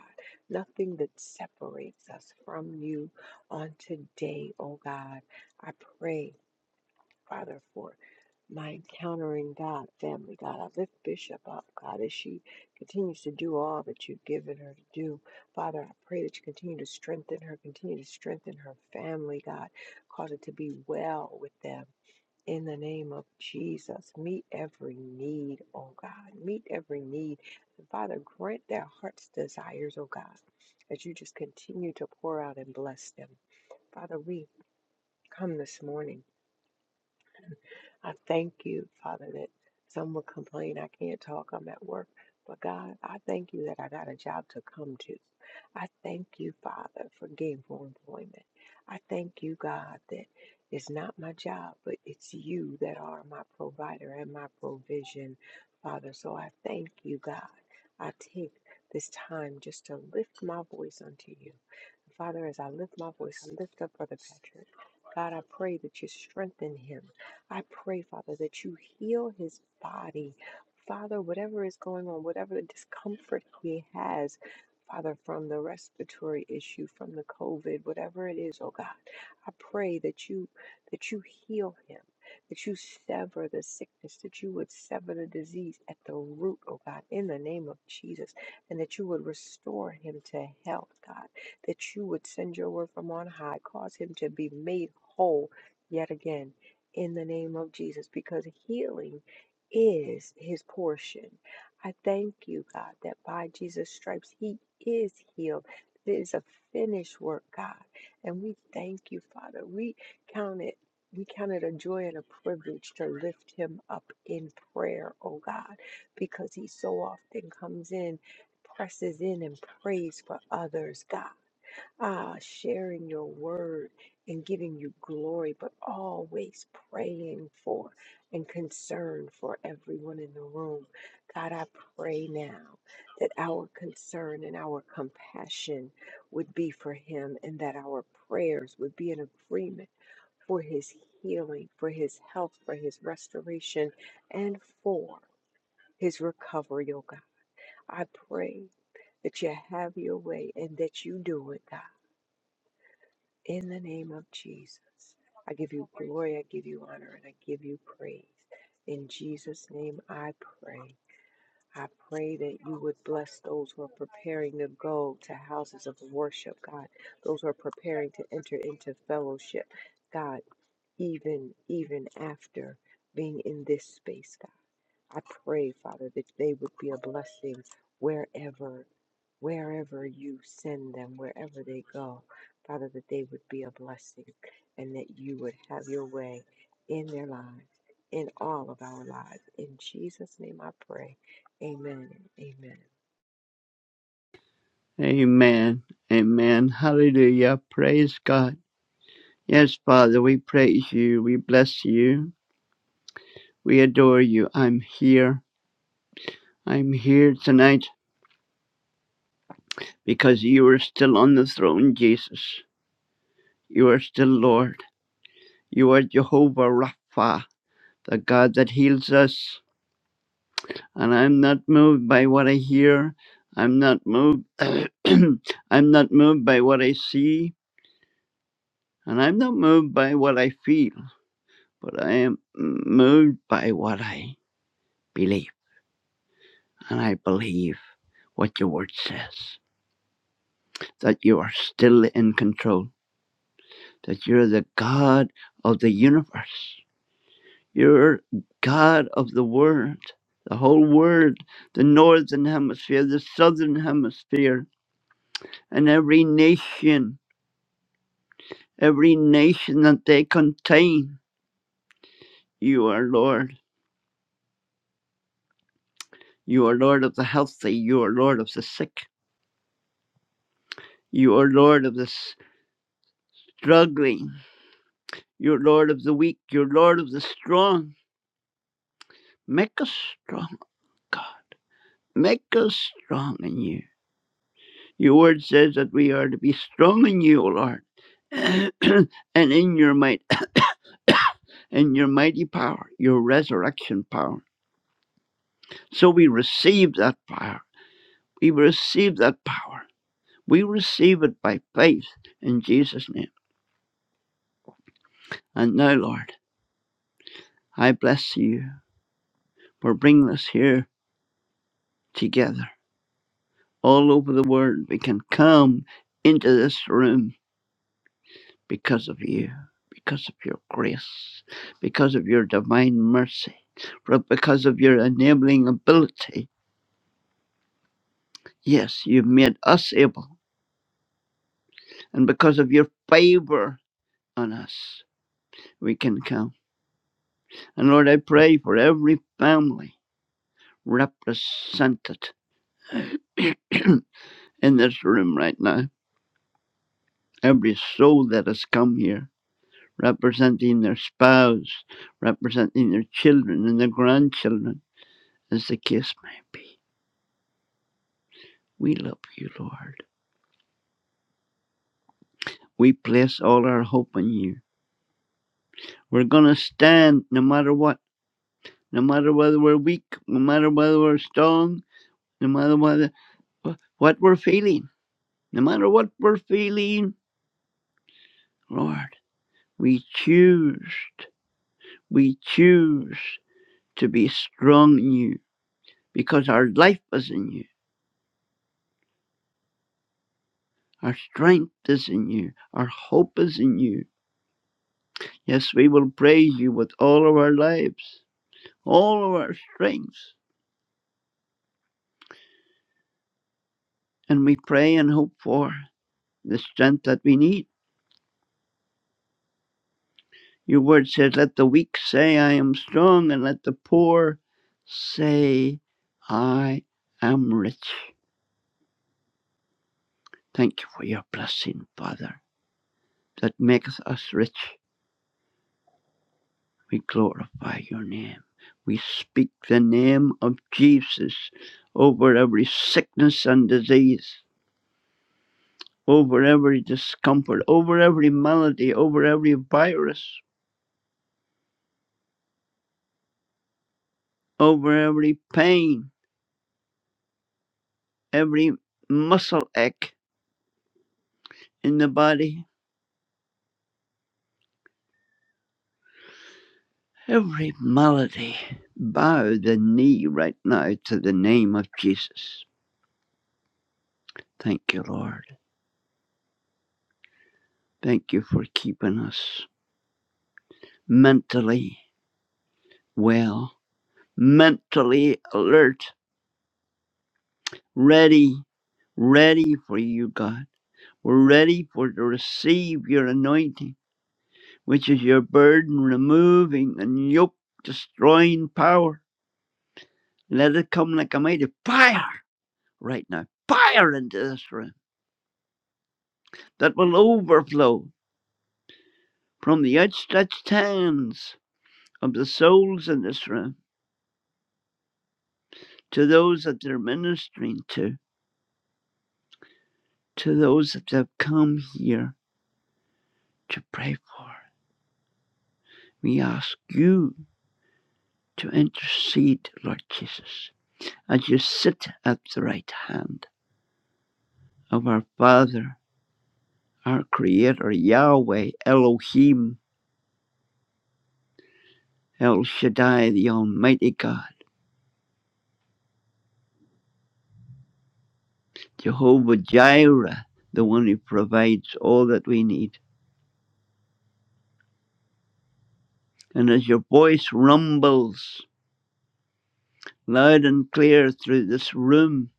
S3: Nothing that separates us from you on today, oh God. I pray. Father, for my encountering God, family, God. I lift Bishop up, God, as she continues to do all that you've given her to do. Father, I pray that you continue to strengthen her, continue to strengthen her family, God. Cause it to be well with them. In the name of Jesus, meet every need, oh God. Meet every need. And Father, grant their heart's desires, oh God, as you just continue to pour out and bless them. Father, we come this morning I thank you, Father, that some will complain I can't talk, I'm at work. But God, I thank you that I got a job to come to. I thank you, Father, for gainful employment. I thank you, God, that it's not my job, but it's you that are my provider and my provision, Father. So I thank you, God. I take this time just to lift my voice unto you. Father, as I lift my voice, I lift up Brother Patrick. God, I pray that you strengthen him. I pray, Father, that you heal his body. Father, whatever is going on, whatever discomfort he has, Father, from the respiratory issue, from the COVID, whatever it is, oh God, I pray that you that you heal him, that you sever the sickness, that you would sever the disease at the root, oh God, in the name of Jesus, and that you would restore him to health, God, that you would send your word from on high, cause him to be made whole yet again in the name of Jesus because healing is his portion. I thank you, God, that by Jesus' stripes he is healed. It is a finished work, God. And we thank you, Father. We count it. We count it a joy and a privilege to lift him up in prayer, oh God, because he so often comes in, presses in, and prays for others, God ah, sharing your word and giving you glory, but always praying for and concern for everyone in the room. God, I pray now that our concern and our compassion would be for him and that our prayers would be in agreement for his healing, for his health, for his restoration, and for his recovery, oh God. I pray that you have your way and that you do it, God in the name of Jesus, I give you glory, I give you honor, and I give you praise. In Jesus' name, I pray. I pray that you would bless those who are preparing to go to houses of worship, God. Those who are preparing to enter into fellowship, God, even even after being in this space, I pray, Father, that they would be a blessing wherever wherever you send them, wherever they go, Father, that they would be a blessing and that you would have your way in their lives, in all of our lives. In Jesus' name I pray. Amen. Amen.
S4: Amen. Amen. Hallelujah. Praise God. Yes, Father, we praise you. We bless you. We adore you. I'm here. I'm here tonight because you are still on the throne, Jesus. You are still Lord. You are Jehovah Rapha, the God that heals us. And I'm not moved by what I hear. I'm not moved. I'm not moved by what I see. And I'm not moved by what I feel. but I am moved by what I believe. And I believe what your word says that you are still in control, that you're the God of the universe, you're God of the world. The whole world, the northern hemisphere, the southern hemisphere, and every nation, every nation that they contain, you are Lord. You are Lord of the healthy. You are Lord of the sick. You are Lord of the struggling. You're Lord of the weak. You're Lord of the strong. Make us strong, God. Make us strong in you. Your word says that we are to be strong in you, O Lord, and in your might, in your mighty power, your resurrection power. So we receive that power. We receive that power. We receive it by faith in Jesus' name. And now, Lord, I bless you for bringing us here together all over the world. We can come into this room because of you, because of your grace, because of your divine mercy, for- because of your enabling ability. Yes, you've made us able, and because of your favor on us, we can come. And Lord, I pray for every family represented in this room right now, every soul that has come here. Representing their spouse, representing their children and their grandchildren, as the case may be. We love you, Lord. We place all our hope in you. We're going to stand no matter what, no matter whether we're weak, no matter whether we're strong, no matter whether, what we're feeling, no matter what we're feeling, Lord, we choose, we choose to be strong in you because our life is in you. Our strength is in you. Our hope is in you. Yes, we will praise you with all of our lives, all of our strengths. and we pray and hope for the strength that we need. Your word says, Let the weak say, I am strong, and let the poor say, I am rich. Thank you for your blessing, Father, that maketh us rich. We glorify your name. We speak the name of Jesus over every sickness and disease, over every discomfort, over every malady, over every virus, over every pain, every muscle ache in the body, every malady. Bow the knee right now to the name of Jesus. Thank you, Lord. Thank you for keeping us mentally well, mentally alert, ready, ready for you, God. We're ready for to receive your anointing, which is your burden removing and yoke destroying power. Let it come like a mighty fire right now. Fire into this room that will overflow from the outstretched hands of the souls in this room to those that they're ministering to, to those that have come here to pray for. We ask you to intercede, Lord Jesus, as you sit at the right hand of our Father, our Creator, Yahweh, Elohim, El Shaddai, the Almighty God. Jehovah Jireh, the one who provides all that we need. And as your voice rumbles loud and clear through this room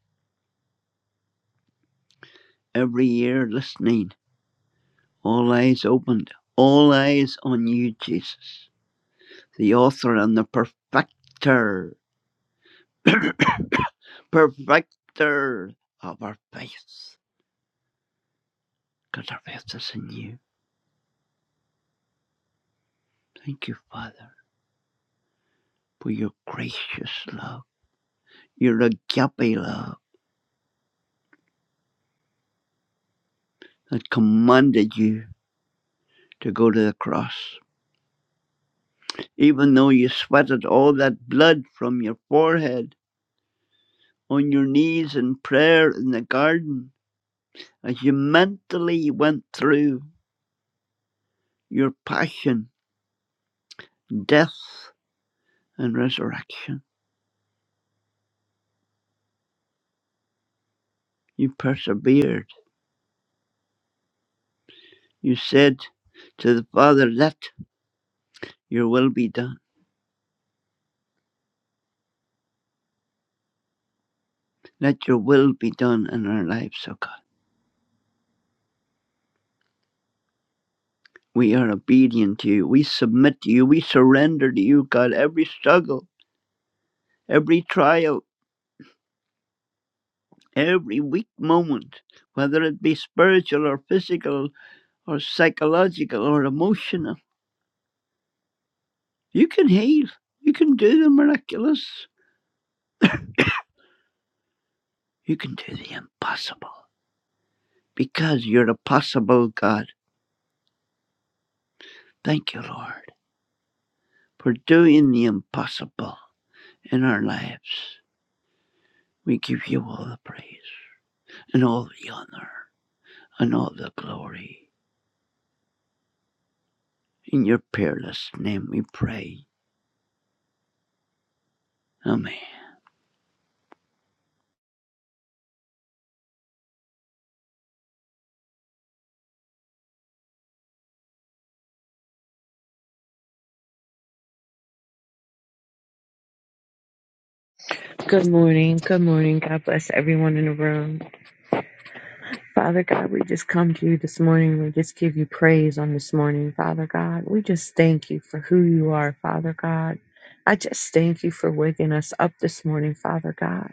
S4: every year listening, all eyes opened, all eyes on you, Jesus, the author and the perfecter, perfecter of our faith, because our faith is in you. Thank you, Father, for your gracious love, your agape love that commanded you to go to the cross. Even though you sweated all that blood from your forehead on your knees in prayer in the garden, as you mentally went through your passion, death, and resurrection, you persevered. You said to the Father, Let your will be done. Let your will be done in our lives, O God. We are obedient to you. We submit to you. We surrender to you, God, every struggle, every trial, every weak moment, whether it be spiritual or physical or psychological or emotional. You can heal. You can do the miraculous. You can do the impossible because you're a possible God. Thank you, Lord, for doing the impossible in our lives. We give you all the praise and all the honor and all the glory. In your peerless name we pray. Amen.
S5: Good morning. Good morning. God bless everyone in the room. Father God, we just come to you this morning. We just give you praise on this morning, Father God. We just thank you for who you are, Father God. I just thank you for waking us up this morning, Father God,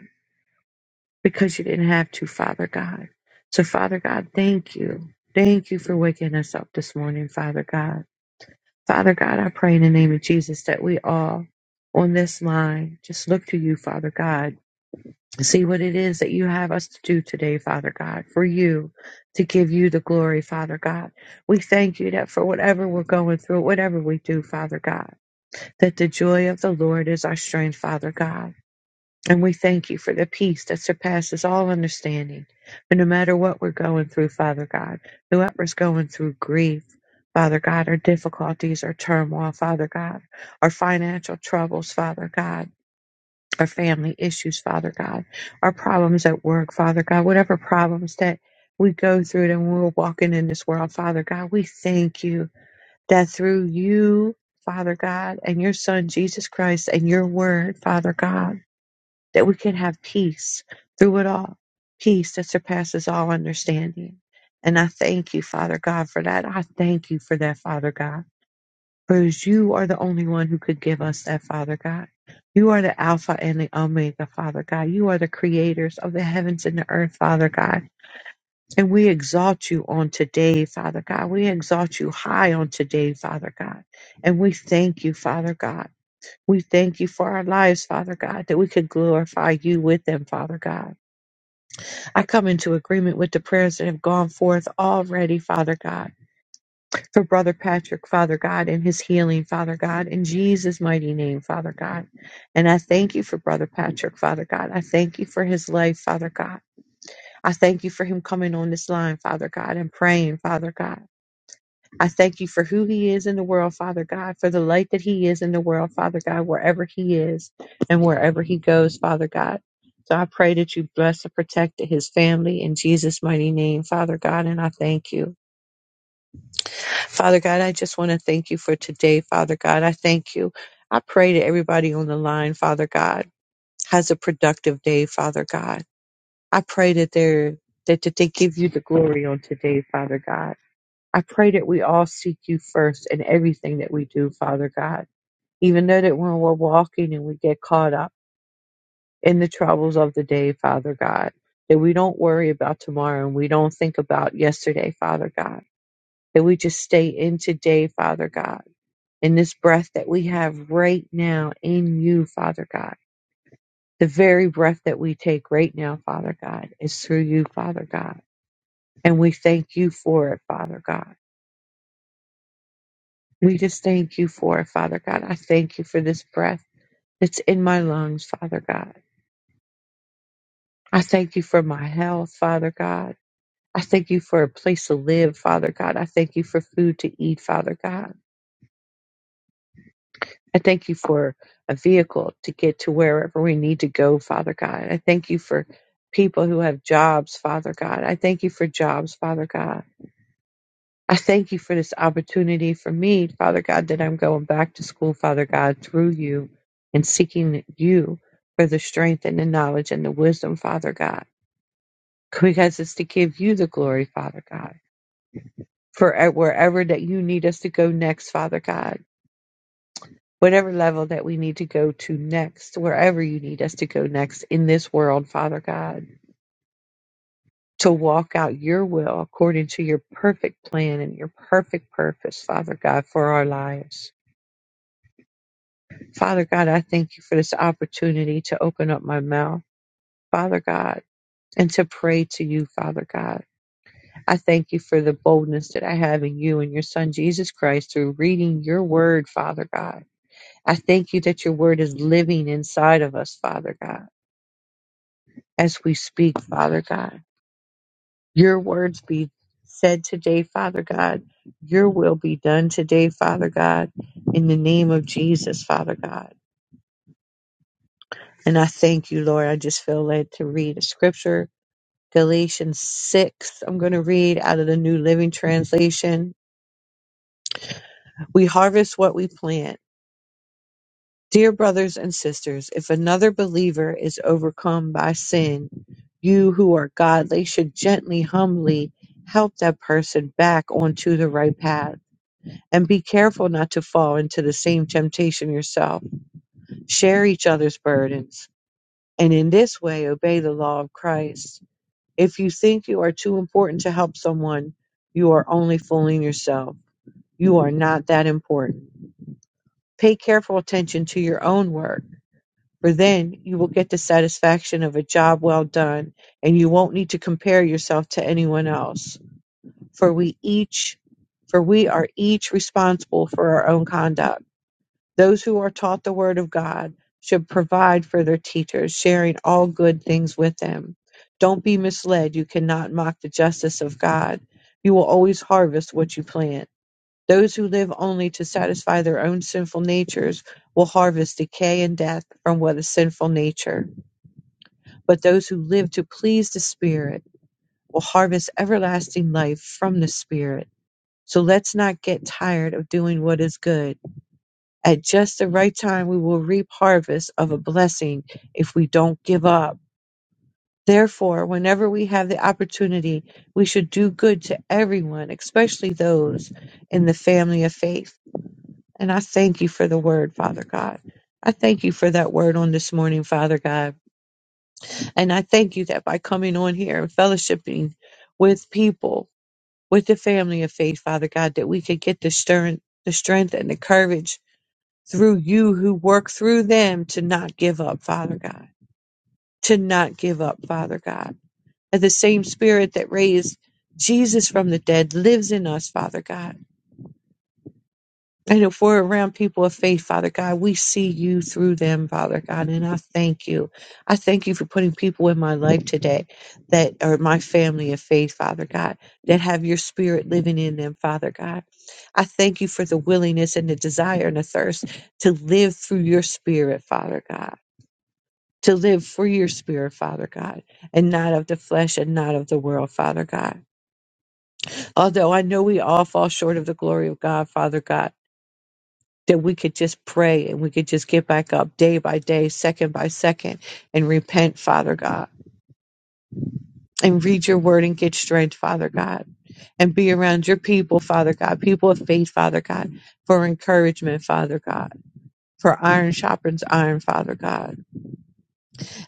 S5: because you didn't have to, Father God. So, Father God, thank you. Thank you for waking us up this morning, Father God. Father God, I pray in the name of Jesus that we all on this line just look to you, Father God See what it is that you have us to do today, Father God, for you to give you the glory, Father God. We thank you that for whatever we're going through, whatever we do, Father God, that the joy of the Lord is our strength, Father God. And we thank you for the peace that surpasses all understanding. And no matter what we're going through, Father God, whoever's going through grief, Father God, our difficulties, our turmoil, Father God, our financial troubles, Father God our family issues, Father God, our problems at work, Father God, whatever problems that we go through and we're walking in this world, Father God, we thank you that through you, Father God, and your Son, Jesus Christ, and your word, Father God, that we can have peace through it all, peace that surpasses all understanding. And I thank you, Father God, for that. I thank you for that, Father God. Because you are the only one who could give us that, Father God. You are the Alpha and the Omega, Father God. You are the creators of the heavens and the earth, Father God. And we exalt you on today, Father God. We exalt you high on today, Father God. And we thank you, Father God. We thank you for our lives, Father God, that we could glorify you with them, Father God. I come into agreement with the prayers that have gone forth already, Father God for Brother Patrick, Father God, and his healing, Father God, in Jesus' mighty name, Father God. And I thank you for Brother Patrick, Father God. I thank you for his life, Father God. I thank you for him coming on this line, Father God, and praying, Father God. I thank you for who he is in the world, Father God, for the light that he is in the world, Father God, wherever he is and wherever he goes, Father God. So I pray that you bless and protect his family in Jesus' mighty name, Father God, and I thank you. Father God, I just want to thank you for today, Father God. I thank you. I pray that everybody on the line, Father God, has a productive day, Father God. I pray that they're that, that they give you the glory on today, Father God. I pray that we all seek you first in everything that we do, Father God. Even though that when we're walking and we get caught up in the troubles of the day, Father God, that we don't worry about tomorrow and we don't think about yesterday, Father God. That we just stay in today, Father God in this breath that we have right now in you, Father God. The very breath that we take right now, Father God, is through you, Father God. And we thank you for it, Father God. We just thank you for it, Father God. I thank you for this breath that's in my lungs, Father God. I thank you for my health, Father God. I thank you for a place to live, Father God. I thank you for food to eat, Father God. I thank you for a vehicle to get to wherever we need to go, Father God. I thank you for people who have jobs, Father God. I thank you for jobs, Father God. I thank you for this opportunity for me, Father God, that I'm going back to school, Father God, through you and seeking you for the strength and the knowledge and the wisdom, Father God, because it's to give you the glory, Father God, for uh, wherever that you need us to go next, Father God. whatever level that we need to go to next, wherever you need us to go next in this world, Father God, to walk out your will according to your perfect plan and your perfect purpose, Father God, for our lives. Father God, I thank you for this opportunity to open up my mouth, Father God, and to pray to you, Father God. I thank you for the boldness that I have in you and your Son, Jesus Christ, through reading your word, Father God. I thank you that your word is living inside of us, Father God. as we speak, Father God. Your words be said today, Father God. Your will be done today, Father God, in the name of Jesus, Father God. And I thank you, Lord. I just feel led to read a scripture, Galatians 6. I'm going to read out of the New Living Translation. We harvest what we plant Dear brothers and sisters, if another believer is overcome by sin, you who are godly should gently, humbly help that person back onto the right path. And be careful not to fall into the same temptation yourself. Share each other's burdens, and in this way obey the law of Christ. If you think you are too important to help someone, you are only fooling yourself. You are not that important. Pay careful attention to your own work For then you will get the satisfaction of a job well done, and you won't need to compare yourself to anyone else. For we each for we are each responsible for our own conduct. Those who are taught the word of God should provide for their teachers, sharing all good things with them. Don't be misled, you cannot mock the justice of God. You will always harvest what you plant. Those who live only to satisfy their own sinful natures will harvest decay and death from what is sinful nature. But those who live to please the Spirit will harvest everlasting life from the Spirit. So let's not get tired of doing what is good. At just the right time, we will reap harvest of a blessing if we don't give up. Therefore, whenever we have the opportunity, we should do good to everyone, especially those in the family of faith. And I thank you for the word, Father God. I thank you for that word on this morning, Father God. And I thank you that by coming on here and fellowshipping with people, with the family of faith, Father God, that we could get the strength, the strength and the courage through you who work through them to not give up, Father God, to not give up, Father God. And the same spirit that raised Jesus from the dead lives in us, Father God And if we're around people of faith, Father God, we see you through them, Father God. And I thank you. I thank you for putting people in my life today that are my family of faith, Father God, that have your spirit living in them, Father God. I thank you for the willingness and the desire and the thirst to live through your spirit, Father God. To live for your spirit, Father God, and not of the flesh and not of the world, Father God. Although I know we all fall short of the glory of God, Father God, that we could just pray and we could just get back up day by day, second by second, and repent, Father God, and read your word and get strength, Father God, and be around your people, Father God, people of faith, Father God, for encouragement, Father God. For iron sharpens iron, Father God.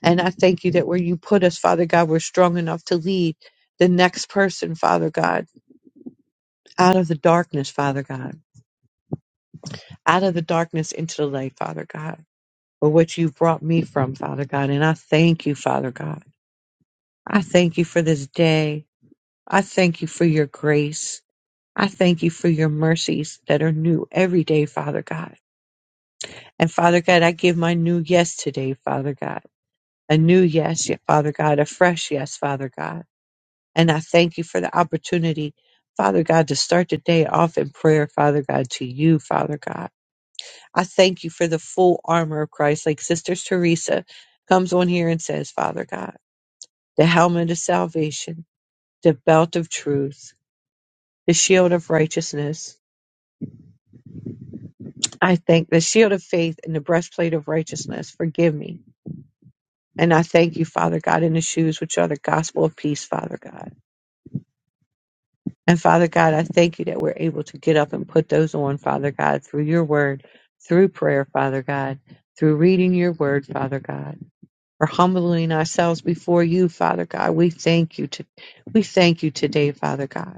S5: And I thank you that where you put us, Father God, we're strong enough to lead the next person, Father God, out of the darkness, Father God, out of the darkness into the light, Father God. for what you've brought me from, Father God. And I thank you, Father God. I thank you for this day. I thank you for your grace. I thank you for your mercies that are new every day, Father God. And Father God, I give my new yes today, Father God. A new yes, yeah, Father God. A fresh yes, Father God. And I thank you for the opportunity, Father God, to start the day off in prayer, Father God, to you, Father God. I thank you for the full armor of Christ, like Sister Teresa comes on here and says, Father God. the helmet of salvation, the belt of truth, the shield of righteousness. I thank the shield of faith and the breastplate of righteousness. Forgive me. And I thank you, Father God, in the shoes which are the gospel of peace, Father God. And Father God, I thank you that we're able to get up and put those on, Father God, through your word, through prayer, Father God, through reading your word, Father God, for humbling ourselves before you, Father God. We thank you to we thank you today, Father God.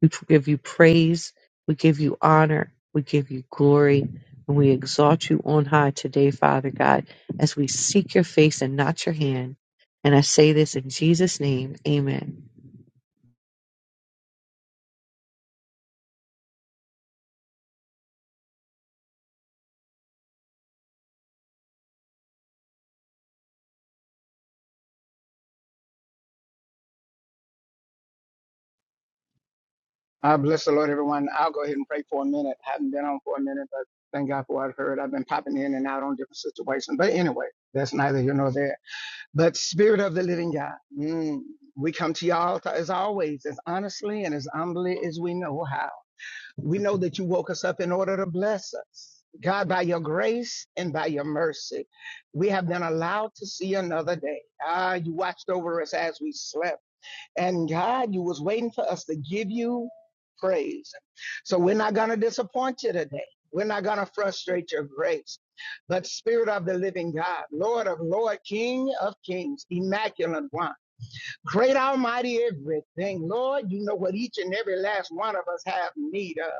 S5: We give you praise. We give you honor. We give you glory. And we exalt you on high today, Father God, as we seek your face and not your hand. And I say this in Jesus' name. Amen.
S6: I bless the Lord, everyone. I'll go ahead and pray for a minute. I haven't been on for a minute, but thank God for what I've heard. I've been popping in and out on different situations. But anyway, that's neither here nor there. But Spirit of the Living God, mm, we come to your altar as always, as honestly and as humbly as we know how. We know that you woke us up in order to bless us. God, by your grace and by your mercy, we have been allowed to see another day. Ah, you watched over us as we slept. And God, you was waiting for us to give you praise. So we're not going to disappoint you today. We're not going to frustrate your grace. But Spirit of the living God, Lord of Lord, King of Kings, Immaculate One, Great Almighty everything. Lord, you know what each and every last one of us have need of.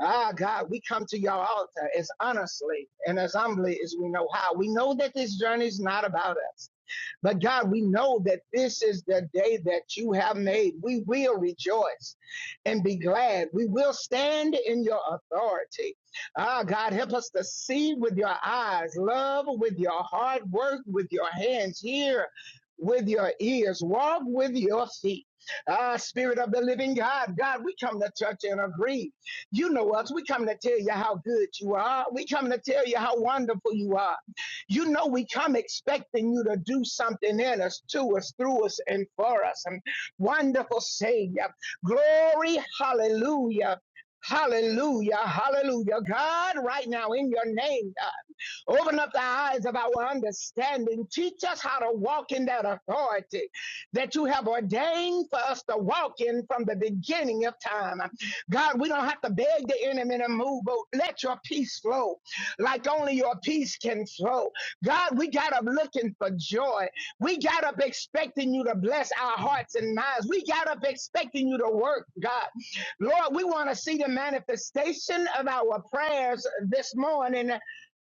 S6: Ah, God, we come to your altar as honestly and as humbly as we know how. We know that this journey is not about us. But God, we know that this is the day that you have made. We will rejoice and be glad. We will stand in your authority. Ah, God, help us to see with your eyes, love with your heart, work with your hands, hear with your ears, walk with your feet. Ah, Spirit of the living God, God, we come to touch and agree. You know us. We come to tell you how good you are. We come to tell you how wonderful you are. You know, we come expecting you to do something in us, to us, through us, and for us. And wonderful Savior. Glory, hallelujah. Hallelujah, hallelujah. God, right now in your name. uh, Open up the eyes of our understanding. Teach us how to walk in that authority that you have ordained for us to walk in from the beginning of time. God, we don't have to beg the enemy to move, but let your peace flow like only your peace can flow. God, we got up looking for joy. We got up expecting you to bless our hearts and minds. We got up expecting you to work, God. Lord, we want to see the manifestation of our prayers this morning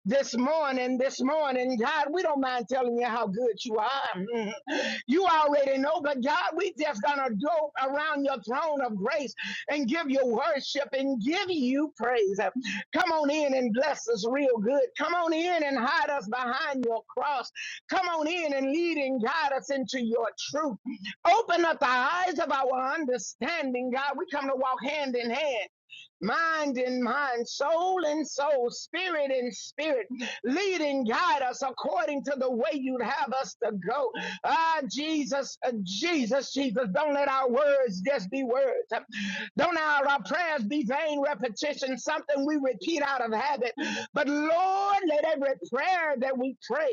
S6: this morning, this morning, God, we don't mind telling you how good you are. Mhm. You already know, but God, we just gonna go around your throne of grace and give you worship and give you praise. Come on in and bless us real good. Come on in and hide us behind your cross. Come on in and lead and guide us into your truth. Open up the eyes of our understanding, God. We come to walk hand in hand mind and mind, soul and soul, spirit and spirit. Lead and guide us according to the way you'd have us to go. Ah, Jesus, uh, Jesus, Jesus, don't let our words just be words. Don't our, our prayers be vain repetition, something we repeat out of habit. But Lord, let every prayer that we pray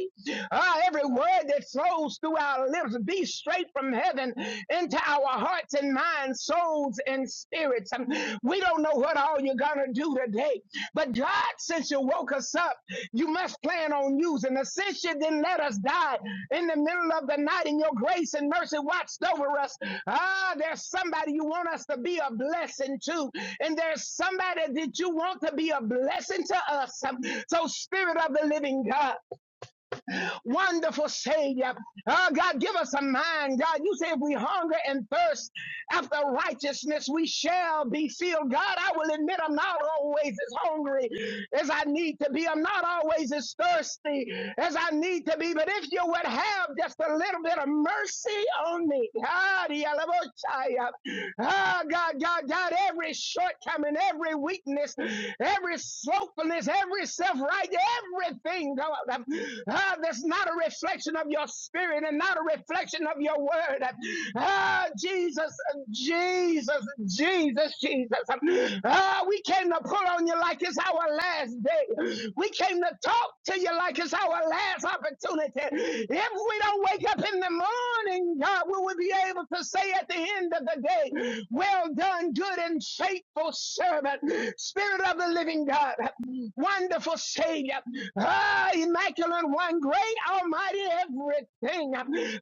S6: Ah, every word that flows through our lips be straight from heaven into our hearts and minds, souls and spirits. Um, We don't know what all you're going to do today, but God, since you woke us up, you must plan on using us. Since you didn't let us die in the middle of the night and your grace and mercy watched over us, ah, there's somebody you want us to be a blessing to, and there's somebody that you want to be a blessing to us. Um, So, Spirit of the Living God, Wonderful Savior. Oh, God, give us a mind. God, you say if we hunger and thirst after righteousness, we shall be filled. God, I will admit I'm not always as hungry as I need to be. I'm not always as thirsty as I need to be. But if you would have just a little bit of mercy on me, oh the Alabochaya. Ah, God, God, God, every shortcoming, every weakness, every slothfulness, every self right, everything, God. Ah, that's not a reflection of your spirit and not a reflection of your word. Ah, Jesus, Jesus, Jesus, Jesus. Ah, we came to pull on you like it's our last day. We came to talk to you like it's our last opportunity. If we don't wake up in the morning, God, we will be able to say at the end of the day, Well done, good and faithful servant, Spirit of the living God, wonderful Savior. Ah, immaculate one, great, almighty, everything.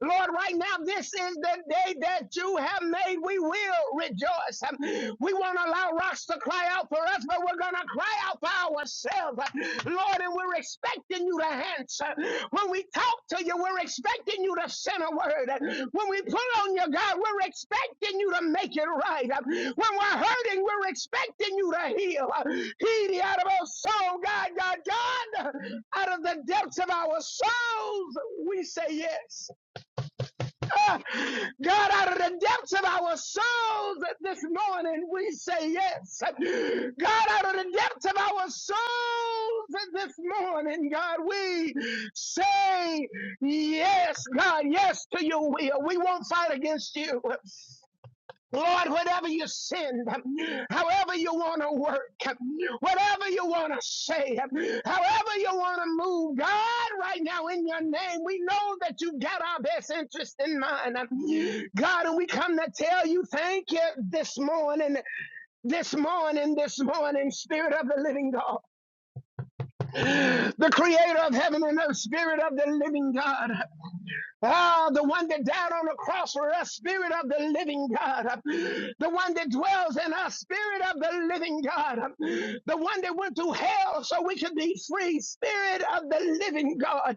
S6: Lord, right now, this is the day that you have made. We will rejoice. Um, We won't allow rocks to cry out for us, but we're going to cry out for ourselves. Lord, and we're expecting you to answer. We're when we talk to you, we're expecting you to send a word. When we pull on you, God, we're expecting you to make it right. When we're hurting, we're expecting you to heal. Heal out of our soul, God, God, God. Out of the depths of our souls, we say yes. God, out of the depths of our souls this morning, we say yes. God, out of the depths of our souls this morning, God, we say yes, God, yes to your will. We won't fight against you. Lord, whatever you send, however you want to work, whatever you want to say, however you want to move, God, right now in your name, we know that you got our best interest in mind. God, and we come to tell you thank you this morning, this morning, this morning, Spirit of the living God, the creator of heaven and earth, Spirit of the living God. Ah, the one that died on the cross for us, Spirit of the living God. The one that dwells in us, Spirit of the living God. The one that went through hell so we could be free, Spirit of the living God.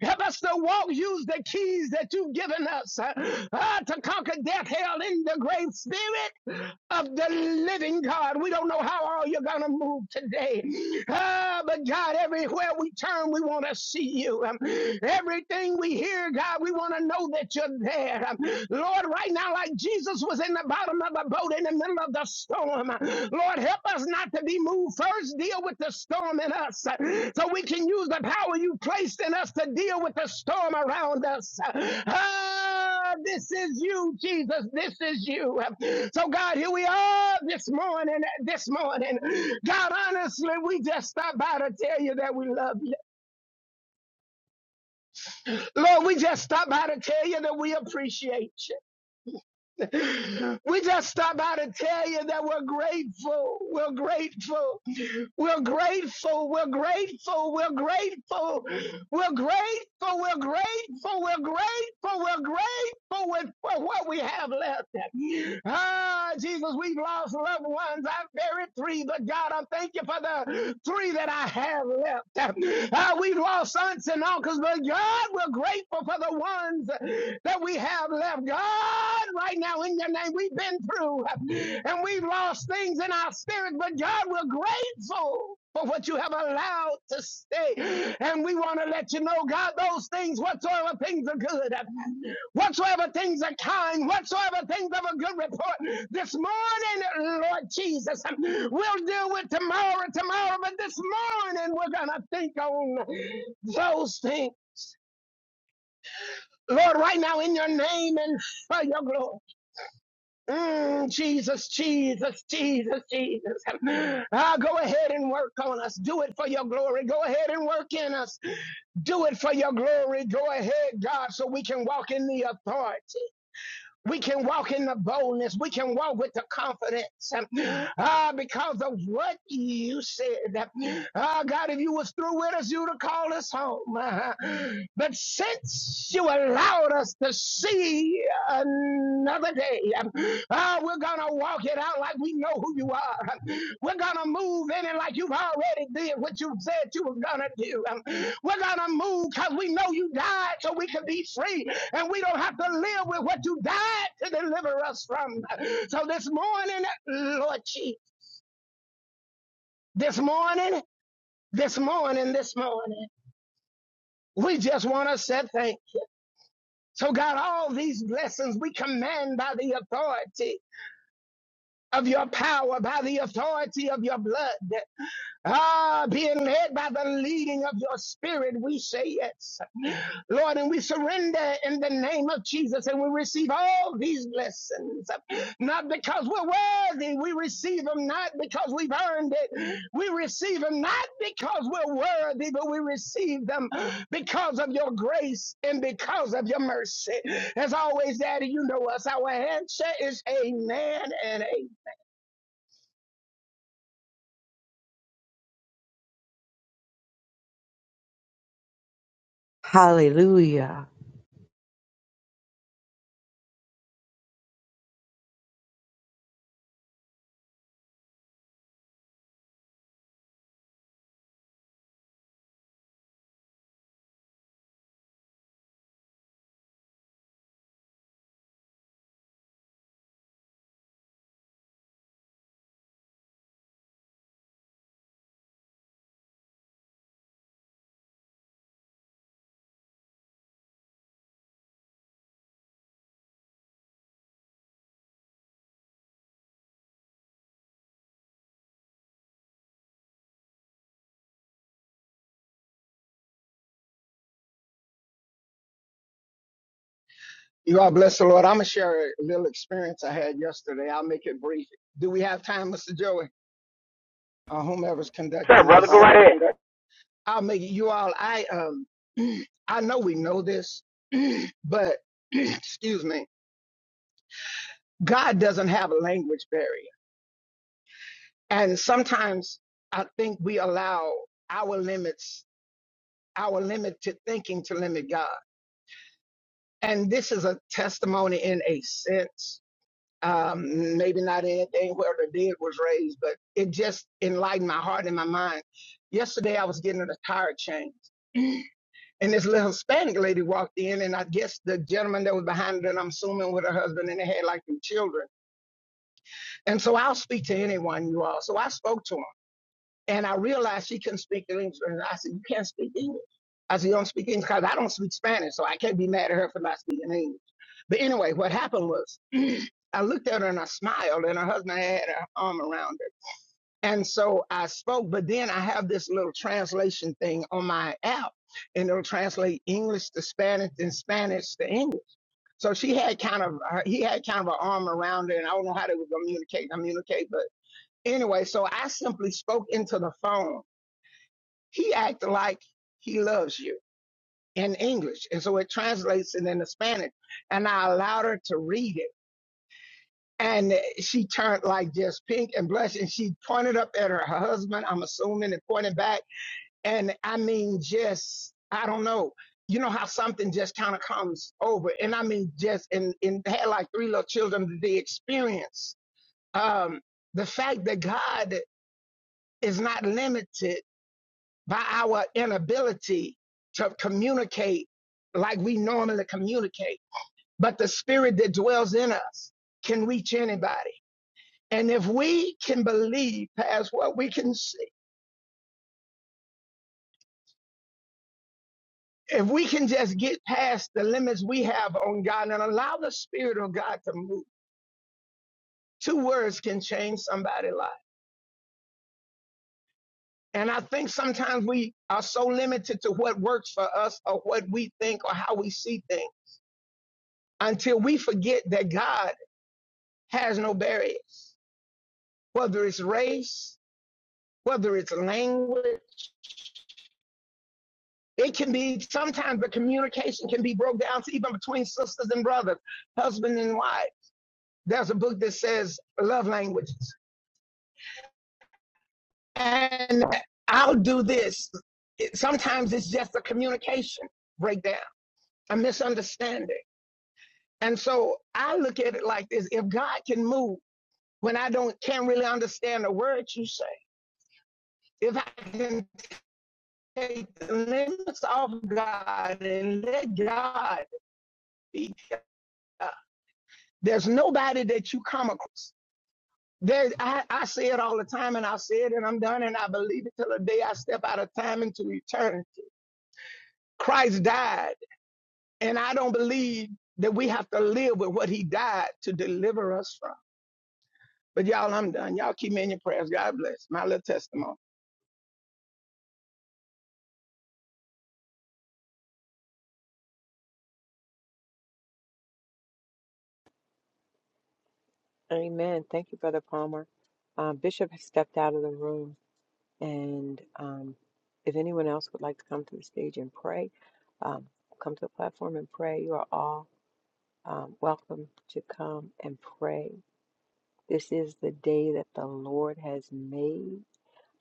S6: Help us to walk, use the keys that you've given us uh, uh, to conquer death, hell, and the grave, Spirit of the living God. We don't know how all you're going to move today. Ah, but God, everywhere we turn, we want to see you. Um, everything we hear, God, we want to know that you're there. Um, Lord, right now, like Jesus was in the bottom of a boat in the middle of the storm, uh, Lord, help us not to be moved first deal with the storm in us uh, so we can use the power you placed in us to deal with the storm around us. Ah, this is you, Jesus. This is you. So, God, here we are this morning. This morning, God, honestly, we just stopped by to tell you that we love you. Lord, we just stopped by to tell you that we appreciate you. We just stopped by to tell you that we're grateful. We're grateful. We're grateful. We're grateful. We're grateful. We're grateful. We're grateful. We're grateful. We're grateful with for what we have left. Ah, Jesus, we've lost loved ones. I have buried three, but God, I thank you for the three that I have left. Ah, we've lost aunts and uncles, but God, we're grateful for the ones that we have left. God, right now in your name, we've been through and we've lost things in our spirit, but God, we're grateful for what you have allowed to stay. And we want to let you know, God, those things, whatsoever things are good, whatsoever things are kind, whatsoever things of a good report, this morning, Lord Jesus, we'll deal with tomorrow, tomorrow, but this morning we're going to think on those things. Lord, right now in your name and for your glory. Mm, Jesus, Jesus, Jesus, Jesus. Ah, go ahead and work on us. Do it for your glory. Go ahead and work in us. Do it for your glory. Go ahead, God, so we can walk in the authority. We can walk in the boldness. We can walk with the confidence. Ah, because of what you said. Ah, God, if you was through with us, you'd have called us home. Uh, But since you allowed us to see another day, ah, we're going to walk it out like we know who you are. We're going to move in it like you've already did what you said you were going to do. Um, We're going to move because we know you died so we could be free and we don't have to live with what you died to deliver us from. So this morning, Lord Jesus, this morning, this morning, this morning, we just want to say thank. you. So God, all these blessings we command by the authority of your power, by the authority of your blood. Ah, being led by the leading of your spirit, we say yes. Lord, and we surrender in the name of Jesus and we receive all these blessings. Not because we're worthy, we receive them not because we've earned it. We receive them not because we're worthy, but we receive them because of your grace and because of your mercy. As always, Daddy, you know us. Our answer is amen and amen.
S5: Hallelujah.
S6: You are blessed, the Lord. I'm going to share a little experience I had yesterday. I'll make it brief. Do we have time, Mr. Joey, or whomever's
S7: Sir,
S6: conducting
S7: brother,
S6: this?
S7: go Uh, right ahead. Is
S6: I'll make it. You all, I um, I know we know this, but excuse me, God doesn't have a language barrier, and sometimes I think we allow our limits, our limited thinking, to limit God. And this is a testimony in a sense. Um, maybe not anything where the dead was raised, but it just enlightened my heart and my mind. Yesterday, I was getting a tire change And this little Hispanic lady walked in, and I guess the gentleman that was behind her, and I'm assuming with her husband, and they had like two children. And so I'll speak to anyone, you all. So I spoke to him, and I realized she couldn't speak English. And I said, You can't speak English. I said, You don't speak English because I don't speak Spanish, so I can't be mad at her for not speaking English. But anyway, what happened was I looked at her and I smiled, and her husband had her arm around her. And so I spoke, but then I have this little translation thing on my app, and it'll translate English to Spanish and Spanish to English. So she had kind of her- he had kind of an arm around her, and I don't know how they would communicate, communicate, but anyway, so I simply spoke into the phone. He acted like he loves you in English, and so it translates it into Spanish, and I allowed her to read it. And she turned like just pink and blush, and she pointed up at her husband, I'm assuming, and pointed back. And I mean, just, I don't know. You know how something just kind of comes over. And I mean, just, and, and had like three little children, the experience, um, the fact that God is not limited by our inability to communicate like we normally communicate, but the spirit that dwells in us can reach anybody. And if we can believe past what we can see, If we can just get past the limits we have on God and allow the Spirit of God to move, two words can change somebody's life. And I think sometimes we are so limited to what works for us or what we think or how we see things until we forget that God has no barriers, whether it's race, whether it's language. It can be sometimes the communication can be broke down to even between sisters and brothers, husband and wife. There's a book that says love languages. And I'll do this. Sometimes it's just a communication breakdown, a misunderstanding. And so I look at it like this if God can move when I don't can't really understand the words you say, if I can take the limits off God and let God be God, there's nobody that you come across. There, I, I say it all the time, and I say it, and I'm done, and I believe it till the day I step out of time into eternity. Christ died And I don't believe that we have to live with what he died to deliver us from. But y'all, I'm done. Y'all keep me in your prayers. God bless. My little testimony.
S3: Amen. Thank you, Brother Palmer. Um, Bishop has stepped out of the room, and um, if anyone else would like to come to the stage and pray, um, come to the platform and pray. You are all. um, welcome to come and pray. This is the day that the Lord has made.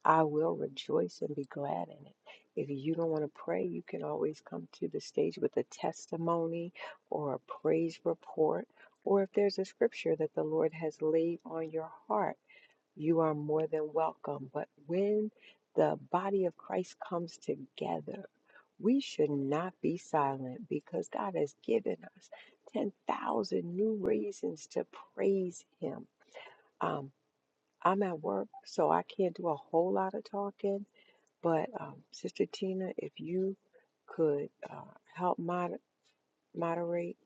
S3: I will rejoice and be glad in it. If you don't want to pray, you can always come to the stage with a testimony or a praise report, or if there's a scripture that the Lord has laid on your heart. You are more than welcome. But when the body of Christ comes together, we should not be silent because God has given us 10,000 new reasons to praise Him. Um, I'm at work, so I can't do a whole lot of talking. But um, Sister Tina, if you could uh, help mod- moderate,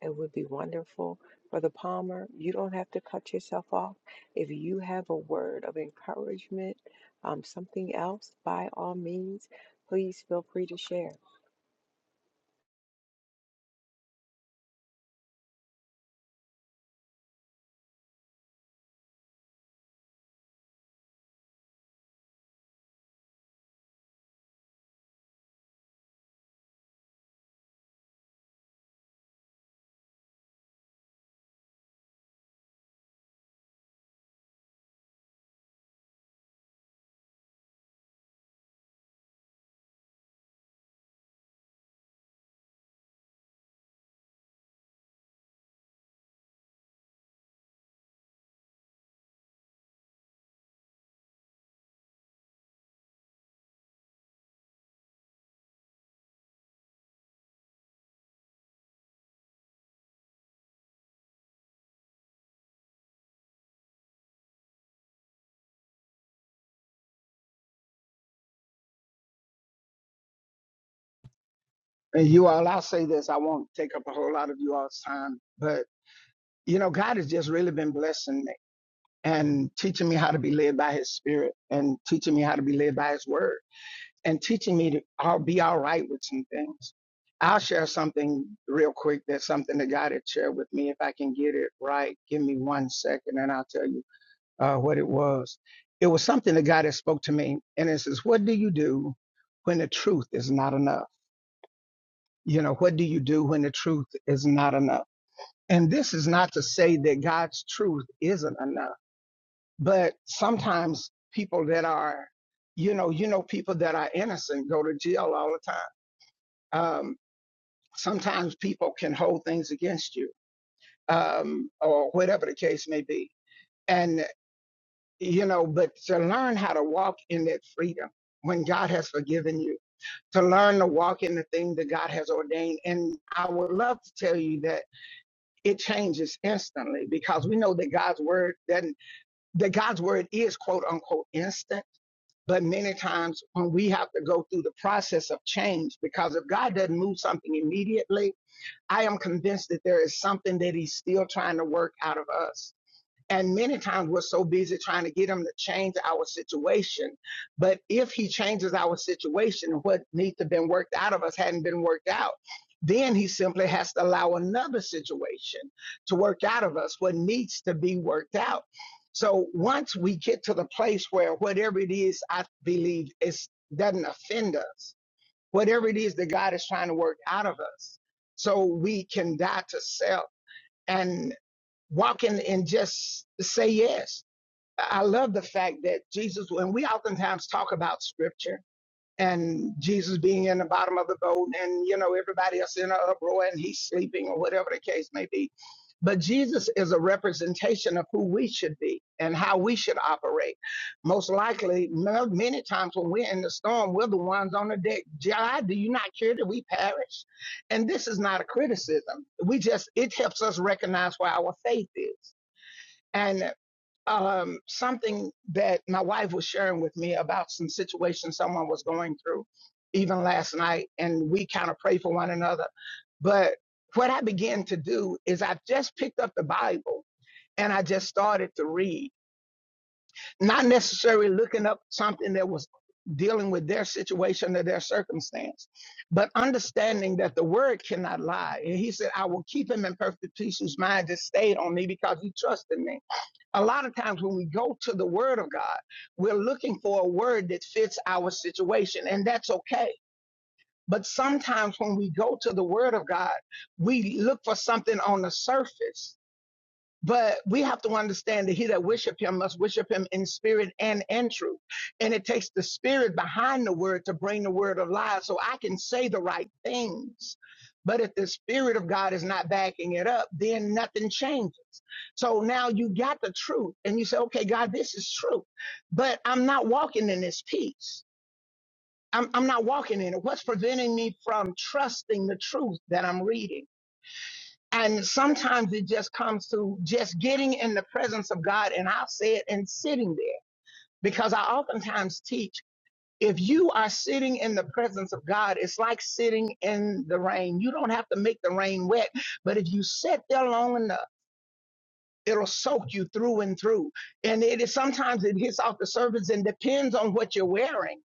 S3: it would be wonderful. Brother Palmer, you don't have to cut yourself off. If you have a word of encouragement, um, something else, by all means, please feel free to share.
S6: And you all, I'll say this. I won't take up a whole lot of you all's time, but you know, God has just really been blessing me and teaching me how to be led by his spirit and teaching me how to be led by his word and teaching me to i be all right with some things. I'll share something real quick. That's something that God had shared with me. If I can get it right, give me one second and I'll tell you uh, what it was. It was something that God had spoke to me, and it says, "What do you do when the truth is not enough? You know, what do you do when the truth is not enough?" And this is not to say that God's truth isn't enough, but sometimes people that are, you know, you know, people that are innocent go to jail all the time. Um, sometimes people can hold things against you, um, or whatever the case may be. and. you know, but to learn how to walk in that freedom when God has forgiven you, to learn to walk in the thing that God has ordained. And I would love to tell you that it changes instantly because we know that God's word doesn't, that God's word is quote unquote instant. But many times when we have to go through the process of change, because if God doesn't move something immediately, I am convinced that there is something that he's still trying to work out of us and many times we're so busy trying to get him to change our situation. But if he changes our situation, what needs to have been worked out of us hadn't been worked out. Then he simply has to allow another situation to work out of us what needs to be worked out. So once we get to the place where whatever it is I believe it doesn't offend us, whatever it is that God is trying to work out of us, so we can die to self and walking and just say yes. I love the fact that Jesus, when we oftentimes talk about scripture and Jesus being in the bottom of the boat and, you know, everybody else in an uproar and he's sleeping or whatever the case may be. But Jesus is a representation of who we should be and how we should operate. Most likely, ma- many times when we're in the storm, we're the ones on the deck. God, do you not care that we perish? And this is not a criticism. We just, it helps us recognize where our faith is and um, something that my wife was sharing with me about some situation someone was going through, even last night, and we kind of pray for one another. But what I began to do is I just picked up the Bible and I just started to read, not necessarily looking up something that was dealing with their situation or their circumstance, but understanding that the word cannot lie. And he said, I will keep him in perfect peace whose mind is stayed on me because he trusted me a lot of times when we go to the word of God, we're looking for a word that fits our situation, and that's okay. But sometimes when we go to the word of God, we look for something on the surface but we have to understand that he that worship him must worship him in spirit and in truth. And it takes the spirit behind the word to bring the word alive so I can say the right things. But if the spirit of God is not backing it up, then nothing changes. So now you got the truth and you say, okay, God, this is true, but I'm not walking in this peace. I'm, I'm not walking in it. What's preventing me from trusting the truth that I'm reading? And sometimes it just comes through just getting in the presence of God. And I'll say it and sitting there because I oftentimes teach if you are sitting in the presence of God, it's like sitting in the rain. You don't have to make the rain wet, but if you sit there long enough, It'll soak you through and through. And it is sometimes it hits off the surface and depends on what you're wearing,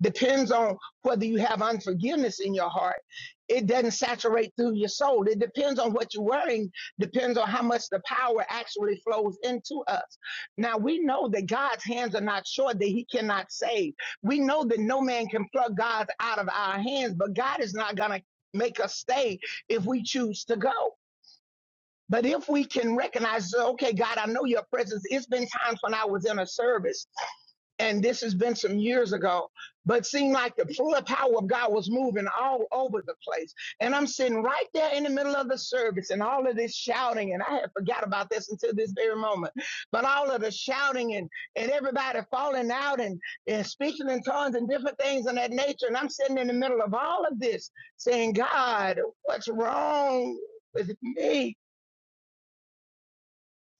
S6: depends on whether you have unforgiveness in your heart. It doesn't saturate through your soul. It depends on what you're wearing, depends on how much the power actually flows into us. Now, we know that God's hands are not short, that He cannot save. We know that no man can pluck God out of our hands, but God is not going to make us stay if we choose to go. But if we can recognize, uh, okay, God, I know your presence. It's been times when I was in a service, and this has been some years ago, but seemed like the full power of God was moving all over the place. And I'm sitting right there in the middle of the service and all of this shouting, and I had forgot about this until this very moment. But all of the shouting and, and everybody falling out and, and speaking in tongues and different things of that nature. And I'm sitting in the middle of all of this saying, God, what's wrong with me?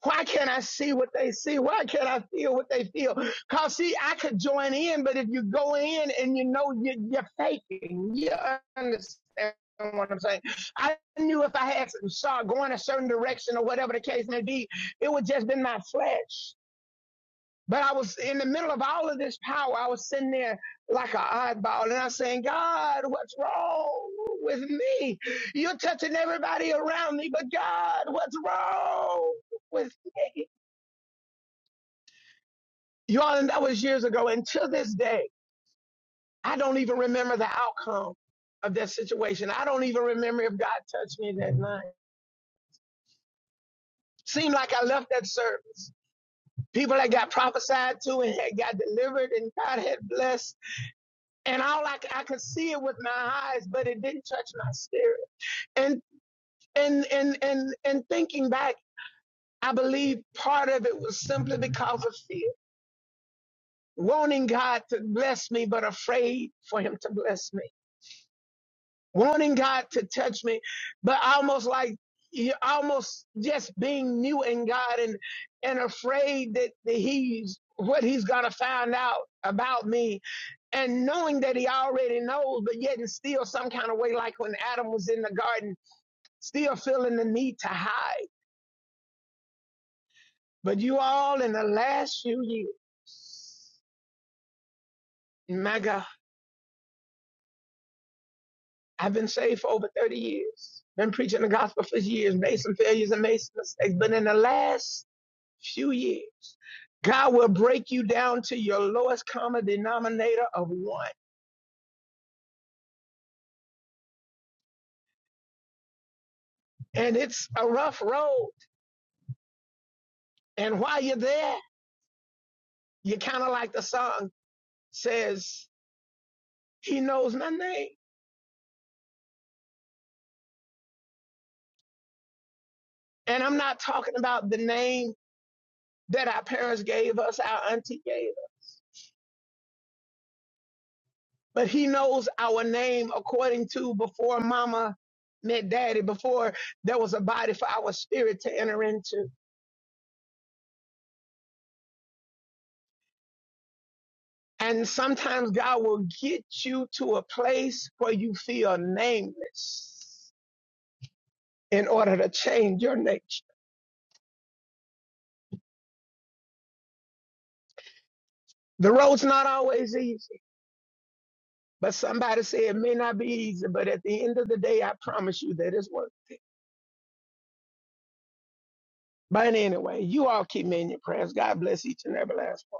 S6: Why can't I see what they see? Why can't I feel what they feel? Cause see, I could join in, but if you go in and you know you, you're faking, you understand what I'm saying? I knew if I had saw going a certain direction or whatever the case may be, it would just been my flesh. But I was in the middle of all of this power. I was sitting there like an oddball, and I was saying, God, what's wrong with me? You're touching everybody around me, but God, what's wrong with me? Y'all, and that was years ago. And to this day, I don't even remember the outcome of that situation. I don't even remember if God touched me that night. Seemed like I left that service. People that got prophesied to and had got delivered and God had blessed. And all I I could see it with my eyes, but it didn't touch my spirit. And and and and and thinking back, I believe part of it was simply because of fear. Wanting God to bless me, but afraid for him to bless me. wanting God to touch me, but almost like you are almost just being new in God and and afraid that, that he's what he's gonna find out about me and knowing that he already knows, but yet and still some kind of way, like when Adam was in the garden, still feeling the need to hide. But you all in the last few years, my God, I've been saved for over 30 years, been preaching the gospel for years, made some failures and made some mistakes, but in the last few years. God will break you down to your lowest common denominator of one. And it's a rough road. And while you're there, you're kind of like the song says, He knows my name. And I'm not talking about the name that our parents gave us, our auntie gave us, but He knows our name according to before mama met daddy, before there was a body for our spirit to enter into. And sometimes God will get you to a place where you feel nameless in order to change your nature. The road's not always easy, but somebody said it may not be easy, but at the end of the day, I promise you that it's worth it. But anyway, you all keep me in your prayers. God bless each and every last one.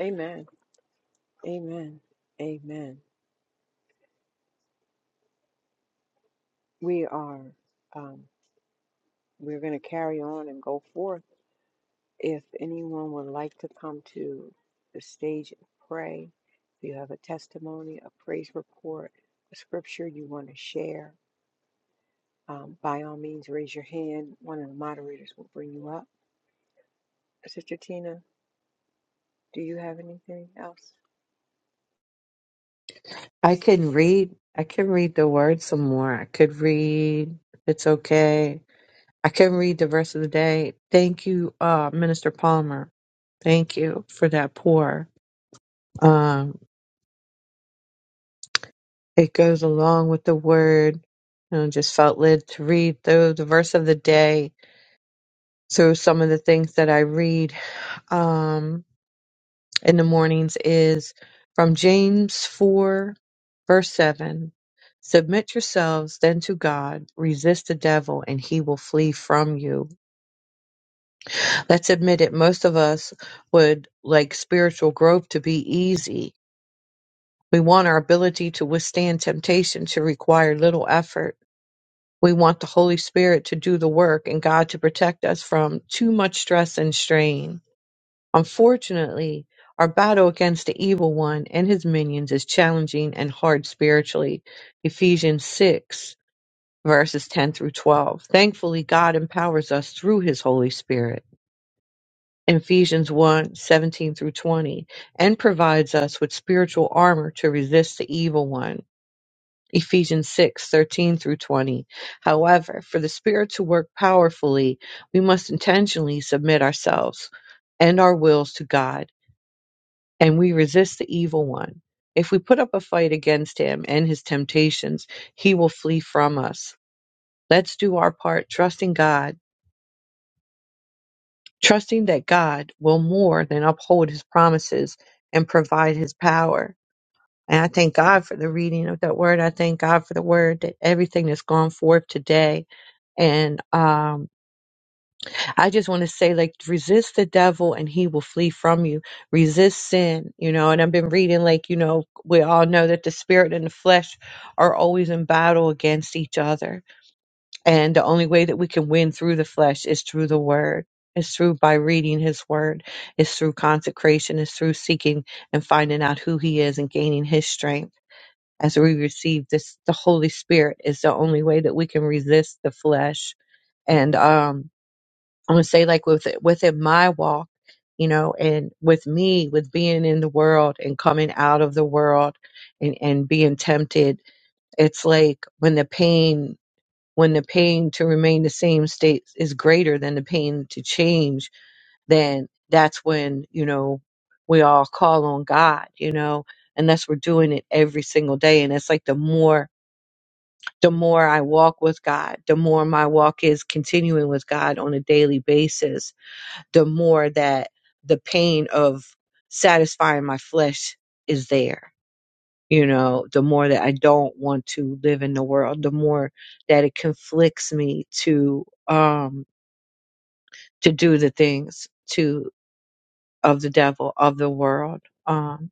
S3: Amen. Amen. Amen. We are um, we're going to carry on and go forth. If anyone would like to come to the stage and pray, if you have a testimony, a praise report, a scripture you want to share, Um, by all means, raise your hand. One of the moderators will bring you up. Sister Tina, do you have anything else?
S5: I can read. I can read the word some more. I could read. if It's okay. I can read the rest of the day. Thank you, uh, Minister Palmer. Thank you for that pour. Um, it goes along with the word. You know, just felt led to read through the verse of the day through some of the things that I read. Um, in the mornings is from James 4, verse 7. Submit yourselves then to God, resist the devil, and he will flee from you. Let's admit it, most of us would like spiritual growth to be easy. We want our ability to withstand temptation to require little effort. We want the Holy Spirit to do the work and God to protect us from too much stress and strain. Unfortunately, our battle against the evil one and his minions is challenging and hard spiritually. Ephesians 6 verses 10 through 12. Thankfully, God empowers us through his Holy Spirit. Ephesians 1 seventeen through 20 and provides us with spiritual armor to resist the evil one. Ephesians 613 through 20. However, for the Spirit to work powerfully, we must intentionally submit ourselves and our wills to God and we resist the evil one. If we put up a fight against him and his temptations, he will flee from us. Let's do our part, trusting God, trusting that God will more than uphold his promises and provide his power. And I thank God for the reading of that word. I thank God for the word that everything that's gone forth today. And um. I just want to say, like, resist the devil and he will flee from you. Resist sin, you know. And I've been reading, like, you know, we all know that the spirit and the flesh are always in battle against each other. And the only way that we can win through the flesh is through the word. It's through by reading his word. It's through consecration. It's through seeking and finding out who he is and gaining his strength. As we receive this, the Holy Spirit is the only way that we can resist the flesh. And, um, I'm gonna say like with within my walk, you know, and with me with being in the world and coming out of the world and and being tempted, it's like when the pain when the pain to remain the same state is greater than the pain to change, then that's when you know we all call on God, you know, unless we're doing it every single day. And it's like the more the more I walk with God, the more my walk is continuing with God on a daily basis the more that the pain of satisfying my flesh is there. You know, the more that I don't want to live in the world, the more that it conflicts me to um to do the things to of the devil, of the world, um,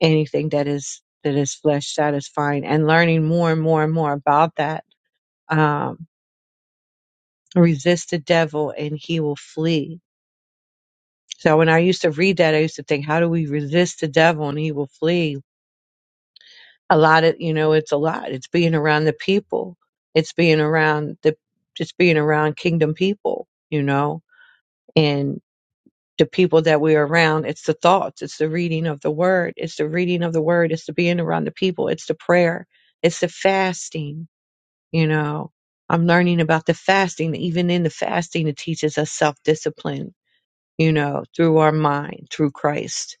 S5: anything that is that is flesh satisfying and learning more and more and more about that. Um resist the devil and he will flee. So when I used to read that, I used to think, how do we resist the devil and he will flee? a lot of you know it's a lot it's being around the people it's being around the just being around kingdom people you know and the people that we're around it's the thoughts it's the reading of the word it's the reading of the word it's the being around the people it's the prayer it's the fasting you know i'm learning about the fasting even in the fasting it teaches us self-discipline you know through our mind through christ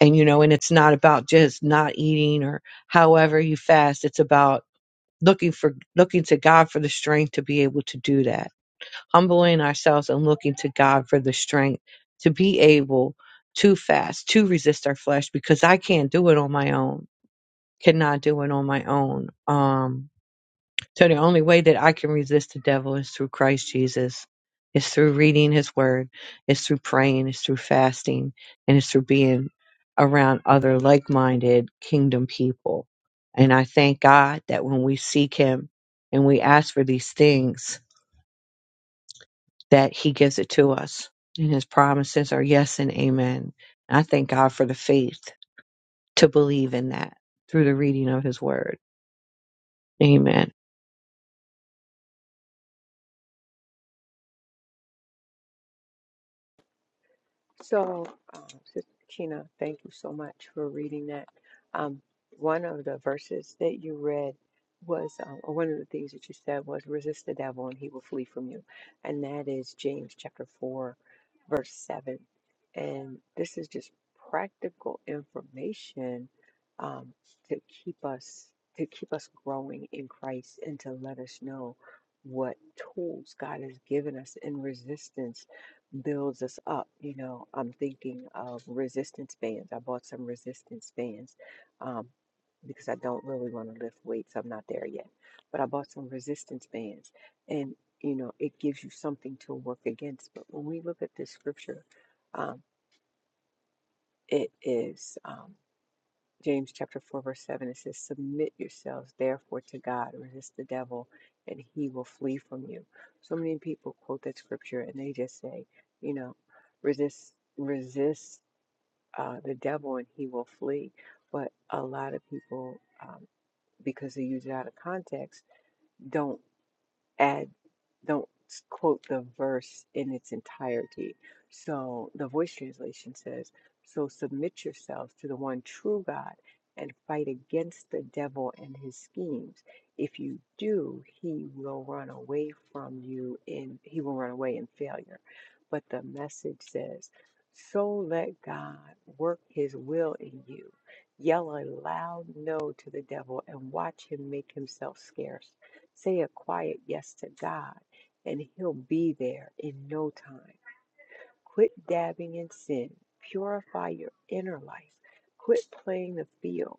S5: and you know and it's not about just not eating or however you fast it's about looking for looking to God for the strength to be able to do that. Humbling ourselves and looking to God for the strength to be able to fast, to resist our flesh because I can't do it on my own. Cannot do it on my own. Um so the only way that I can resist the devil is through Christ Jesus. It's through reading his word. It's through praying. It's through fasting. And it's through being around other like minded kingdom people. And I thank God that when we seek him and we ask for these things, that he gives it to us. And his promises are yes and amen. And I thank God for the faith to believe in that through the reading of his word. Amen.
S3: So, uh, Sister Kina, thank you so much for reading that. Um, one of the verses that you read was, um, or one of the things that you said was, resist the devil and he will flee from you. And that is James chapter 4, verse 7. And this is just practical information um, to keep us to keep us growing in Christ and to let us know what tools God has given us in resistance builds us up. You know, I'm thinking of resistance bands. I bought some resistance bands um, because I don't really want to lift weights. I'm not there yet. But I bought some resistance bands. And, you know, it gives you something to work against. But when we look at this scripture, um, it is. Um, James chapter 4, verse 7, it says, Submit yourselves therefore to God, resist the devil, and he will flee from you. So many people quote that scripture and they just say, you know, resist, resist uh, the devil and he will flee. But a lot of people, um, because they use it out of context, don't and don't quote the verse in its entirety. So the voice translation says, So submit yourselves to the one true God and fight against the devil and his schemes. If you do, he will run away from you in he will run away in failure. But the message says, So let God work his will in you. Yell a loud no to the devil and watch him make himself scarce. Say a quiet yes to God, and He'll be there in no time. Quit dabbing in sin. Purify your inner life. Quit playing the field.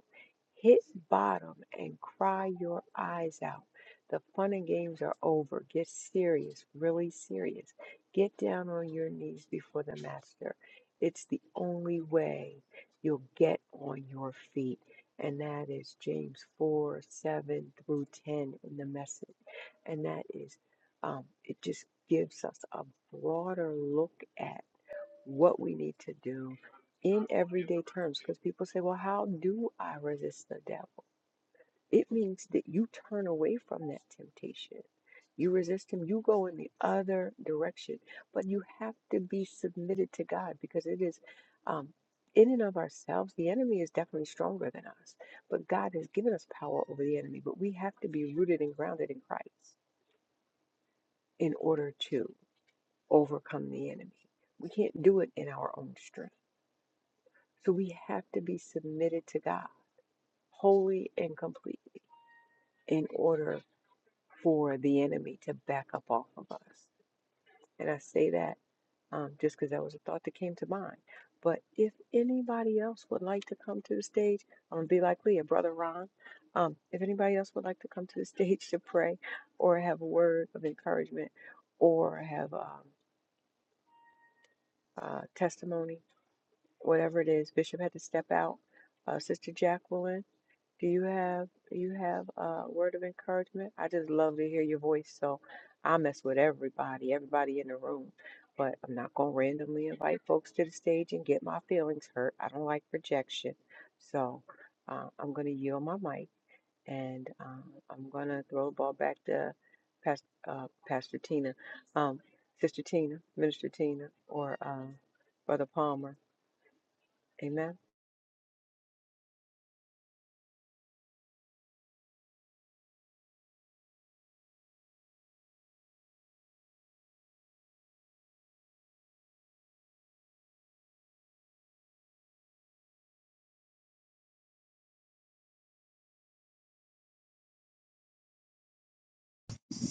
S3: Hit bottom and cry your eyes out. The fun and games are over. Get serious, really serious. Get down on your knees before the master. It's the only way you'll get on your feet. And that is James 4 7 through 10 in the message. And that is, um, it just gives us a broader look at what we need to do in everyday terms. Because people say, well, how do I resist the devil? It means that you turn away from that temptation. You resist him, you go in the other direction. But you have to be submitted to God because it is, um, in and of ourselves, the enemy is definitely stronger than us. But God has given us power over the enemy. But we have to be rooted and grounded in Christ in order to overcome the enemy. We can't do it in our own strength. So we have to be submitted to God, wholly and completely, in order for the enemy to back up off of us. And I say that um, just because that was a thought that came to mind. But if anybody else would like to come to the stage, I'm gonna be like Leah, brother Ron. Um, if anybody else would like to come to the stage to pray, or have a word of encouragement, or have um, uh, testimony, whatever it is. Bishop had to step out. Uh, Sister Jacqueline, do you have you have a word of encouragement? I just love to hear your voice, so I mess with everybody, everybody in the room. But I'm not gonna randomly invite folks to the stage and get my feelings hurt. I don't like rejection, so uh, I'm gonna yield my mic and um, I'm gonna throw the ball back to Pastor, uh, Pastor Tina, um, Sister Tina, Minister Tina, or um, Brother Palmer. Amen.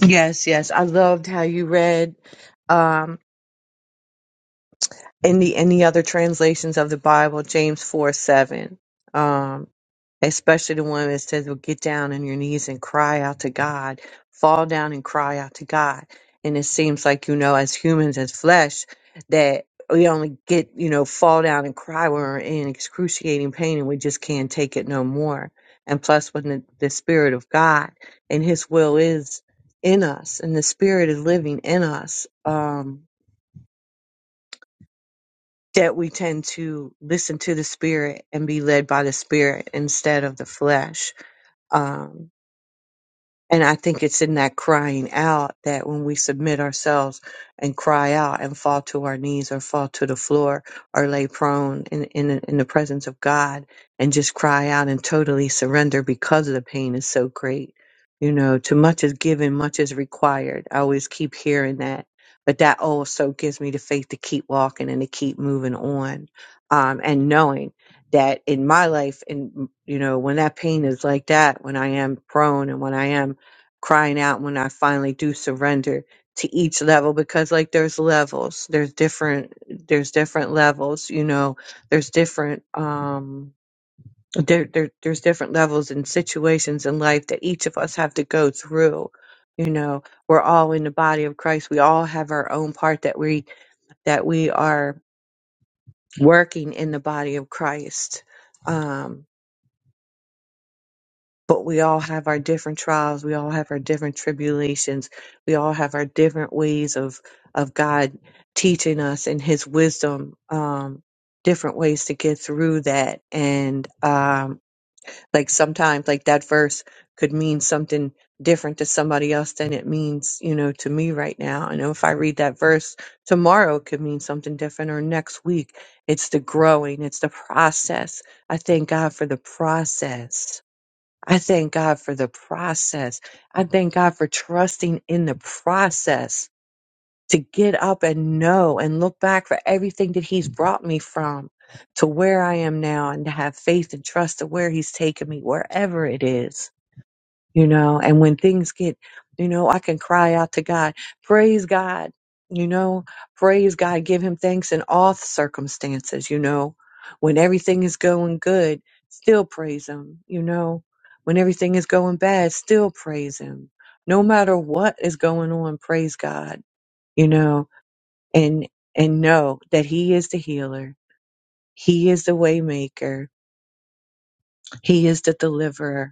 S5: Yes, yes. I loved how you read. in the in the other translations of the Bible, James four seven, um, especially the one that says, "Well, get down on your knees and cry out to God, fall down and cry out to God." And it seems like you know, as humans, as flesh, that we only get you know fall down and cry when we're in excruciating pain and we just can't take it no more. And plus, when the, the Spirit of God and His will is in us, and the Spirit is living in us, um, that we tend to listen to the spirit and be led by the spirit instead of the flesh. Um, and I think it's in that crying out that when we submit ourselves and cry out and fall to our knees or fall to the floor or lay prone in, in, in the presence of God and just cry out and totally surrender because the pain is so great. You know, too much is given, much is required. I always keep hearing that. But that also gives me the faith to keep walking and to keep moving on. Um, and knowing that in my life, and you know, when that pain is like that, when I am prone and when I am crying out when I finally do surrender to each level because like there's levels. There's different there's different levels, you know, there's different um there, there there's different levels and situations in life that each of us have to go through. You know, we're all in the body of Christ. We all have our own part that we that we are working in the body of Christ. Um but we all have our different trials we all have our different tribulations we all have our different ways of of god teaching us in his wisdom um different ways to get through that and um like sometimes like that verse could mean something different to somebody else than it means you know to me right now and if i read that verse tomorrow it could mean something different or next week it's the growing it's the process i thank god for the process I thank God for the process. I thank God for trusting in the process to get up and know and look back for everything that He's brought me from to where I am now and to have faith and trust to where He's taken me, wherever it is you know, and when things get, you know, I can cry out to God, praise God, you know, praise God, give him thanks in all circumstances, you know, when everything is going good, still praise him, you know, when everything is going bad, still praise him. No matter what is going on, praise God, you know, and, and know that he is the healer. He is the waymaker. He is the deliverer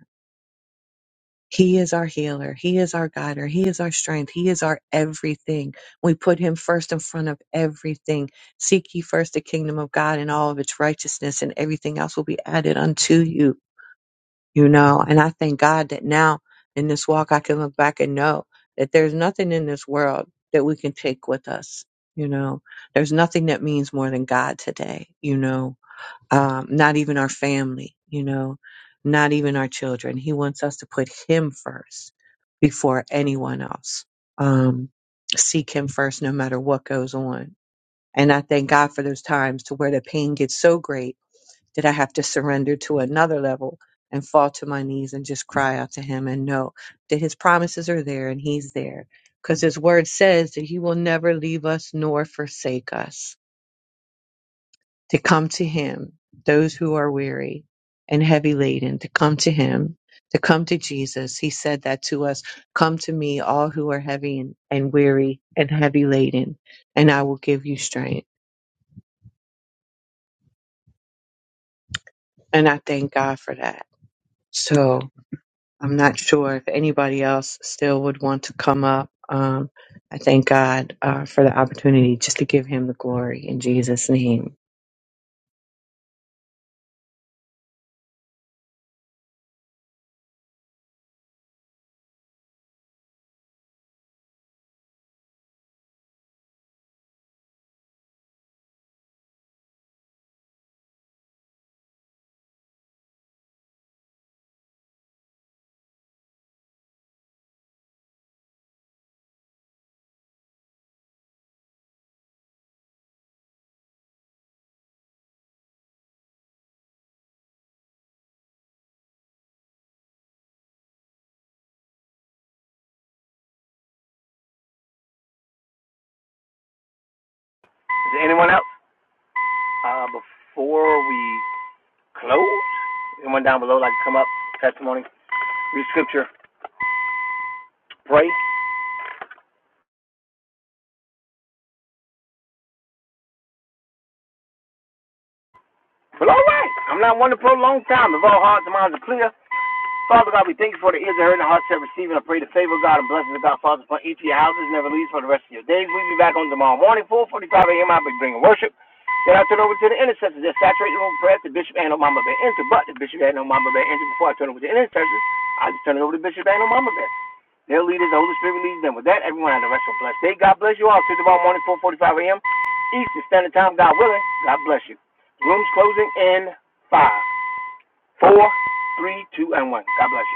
S5: He is our healer. He is our guider. He is our strength. He is our everything. We put him first in front of everything. Seek ye first the kingdom of God and all of its righteousness, and everything else will be added unto you. You know, and I thank God that now in this walk, I can look back and know that there's nothing in this world that we can take with us. You know, there's nothing that means more than God today. You know, um, not even our family, you know, not even our children. He wants us to put Him first before anyone else. Um, seek Him first no matter what goes on. And I thank God for those times to where the pain gets so great that I have to surrender to another level and fall to my knees and just cry out to Him and know that His promises are there and He's there. Because His word says that He will never leave us nor forsake us to come to him, those who are weary and heavy laden, to come to him, to come to Jesus. He said that to us Come to me, all who are heavy and, and weary and heavy laden, and I will give you strength. And I thank God for that. So I'm not sure if anybody else still would want to come up. Um, I thank God uh, for the opportunity just to give him the glory in Jesus' name.
S7: there anyone else? Uh, before we close, anyone down below like to come up, testimony, read scripture, pray? Well, all right. I'm not one to prolong time. If all hearts and minds are clear, Father God, we thank you for the ears that heard and the hearts that received. And I pray the favor of God and blessings of God, Father, upon each of your houses, never leaves for the rest of your days. We'll be back on tomorrow morning, 4.45 a.m. I'll be bringing worship. Then I turn over to the intercessors that saturate the room with prayer. The bishop and no Mama Bear enter, but the bishop and no Mama Bear enter before I turn over to the intercessors. I just turn it over to Bishop and no Mama Bear. Their leaders, the Holy Spirit leads them. With that, everyone have the rest of blessed day. God bless you all. See you tomorrow morning, 4:45 a.m. Eastern Standard Time. God willing. God bless you. Rooms closing in five, four, three, two, and one. God bless you.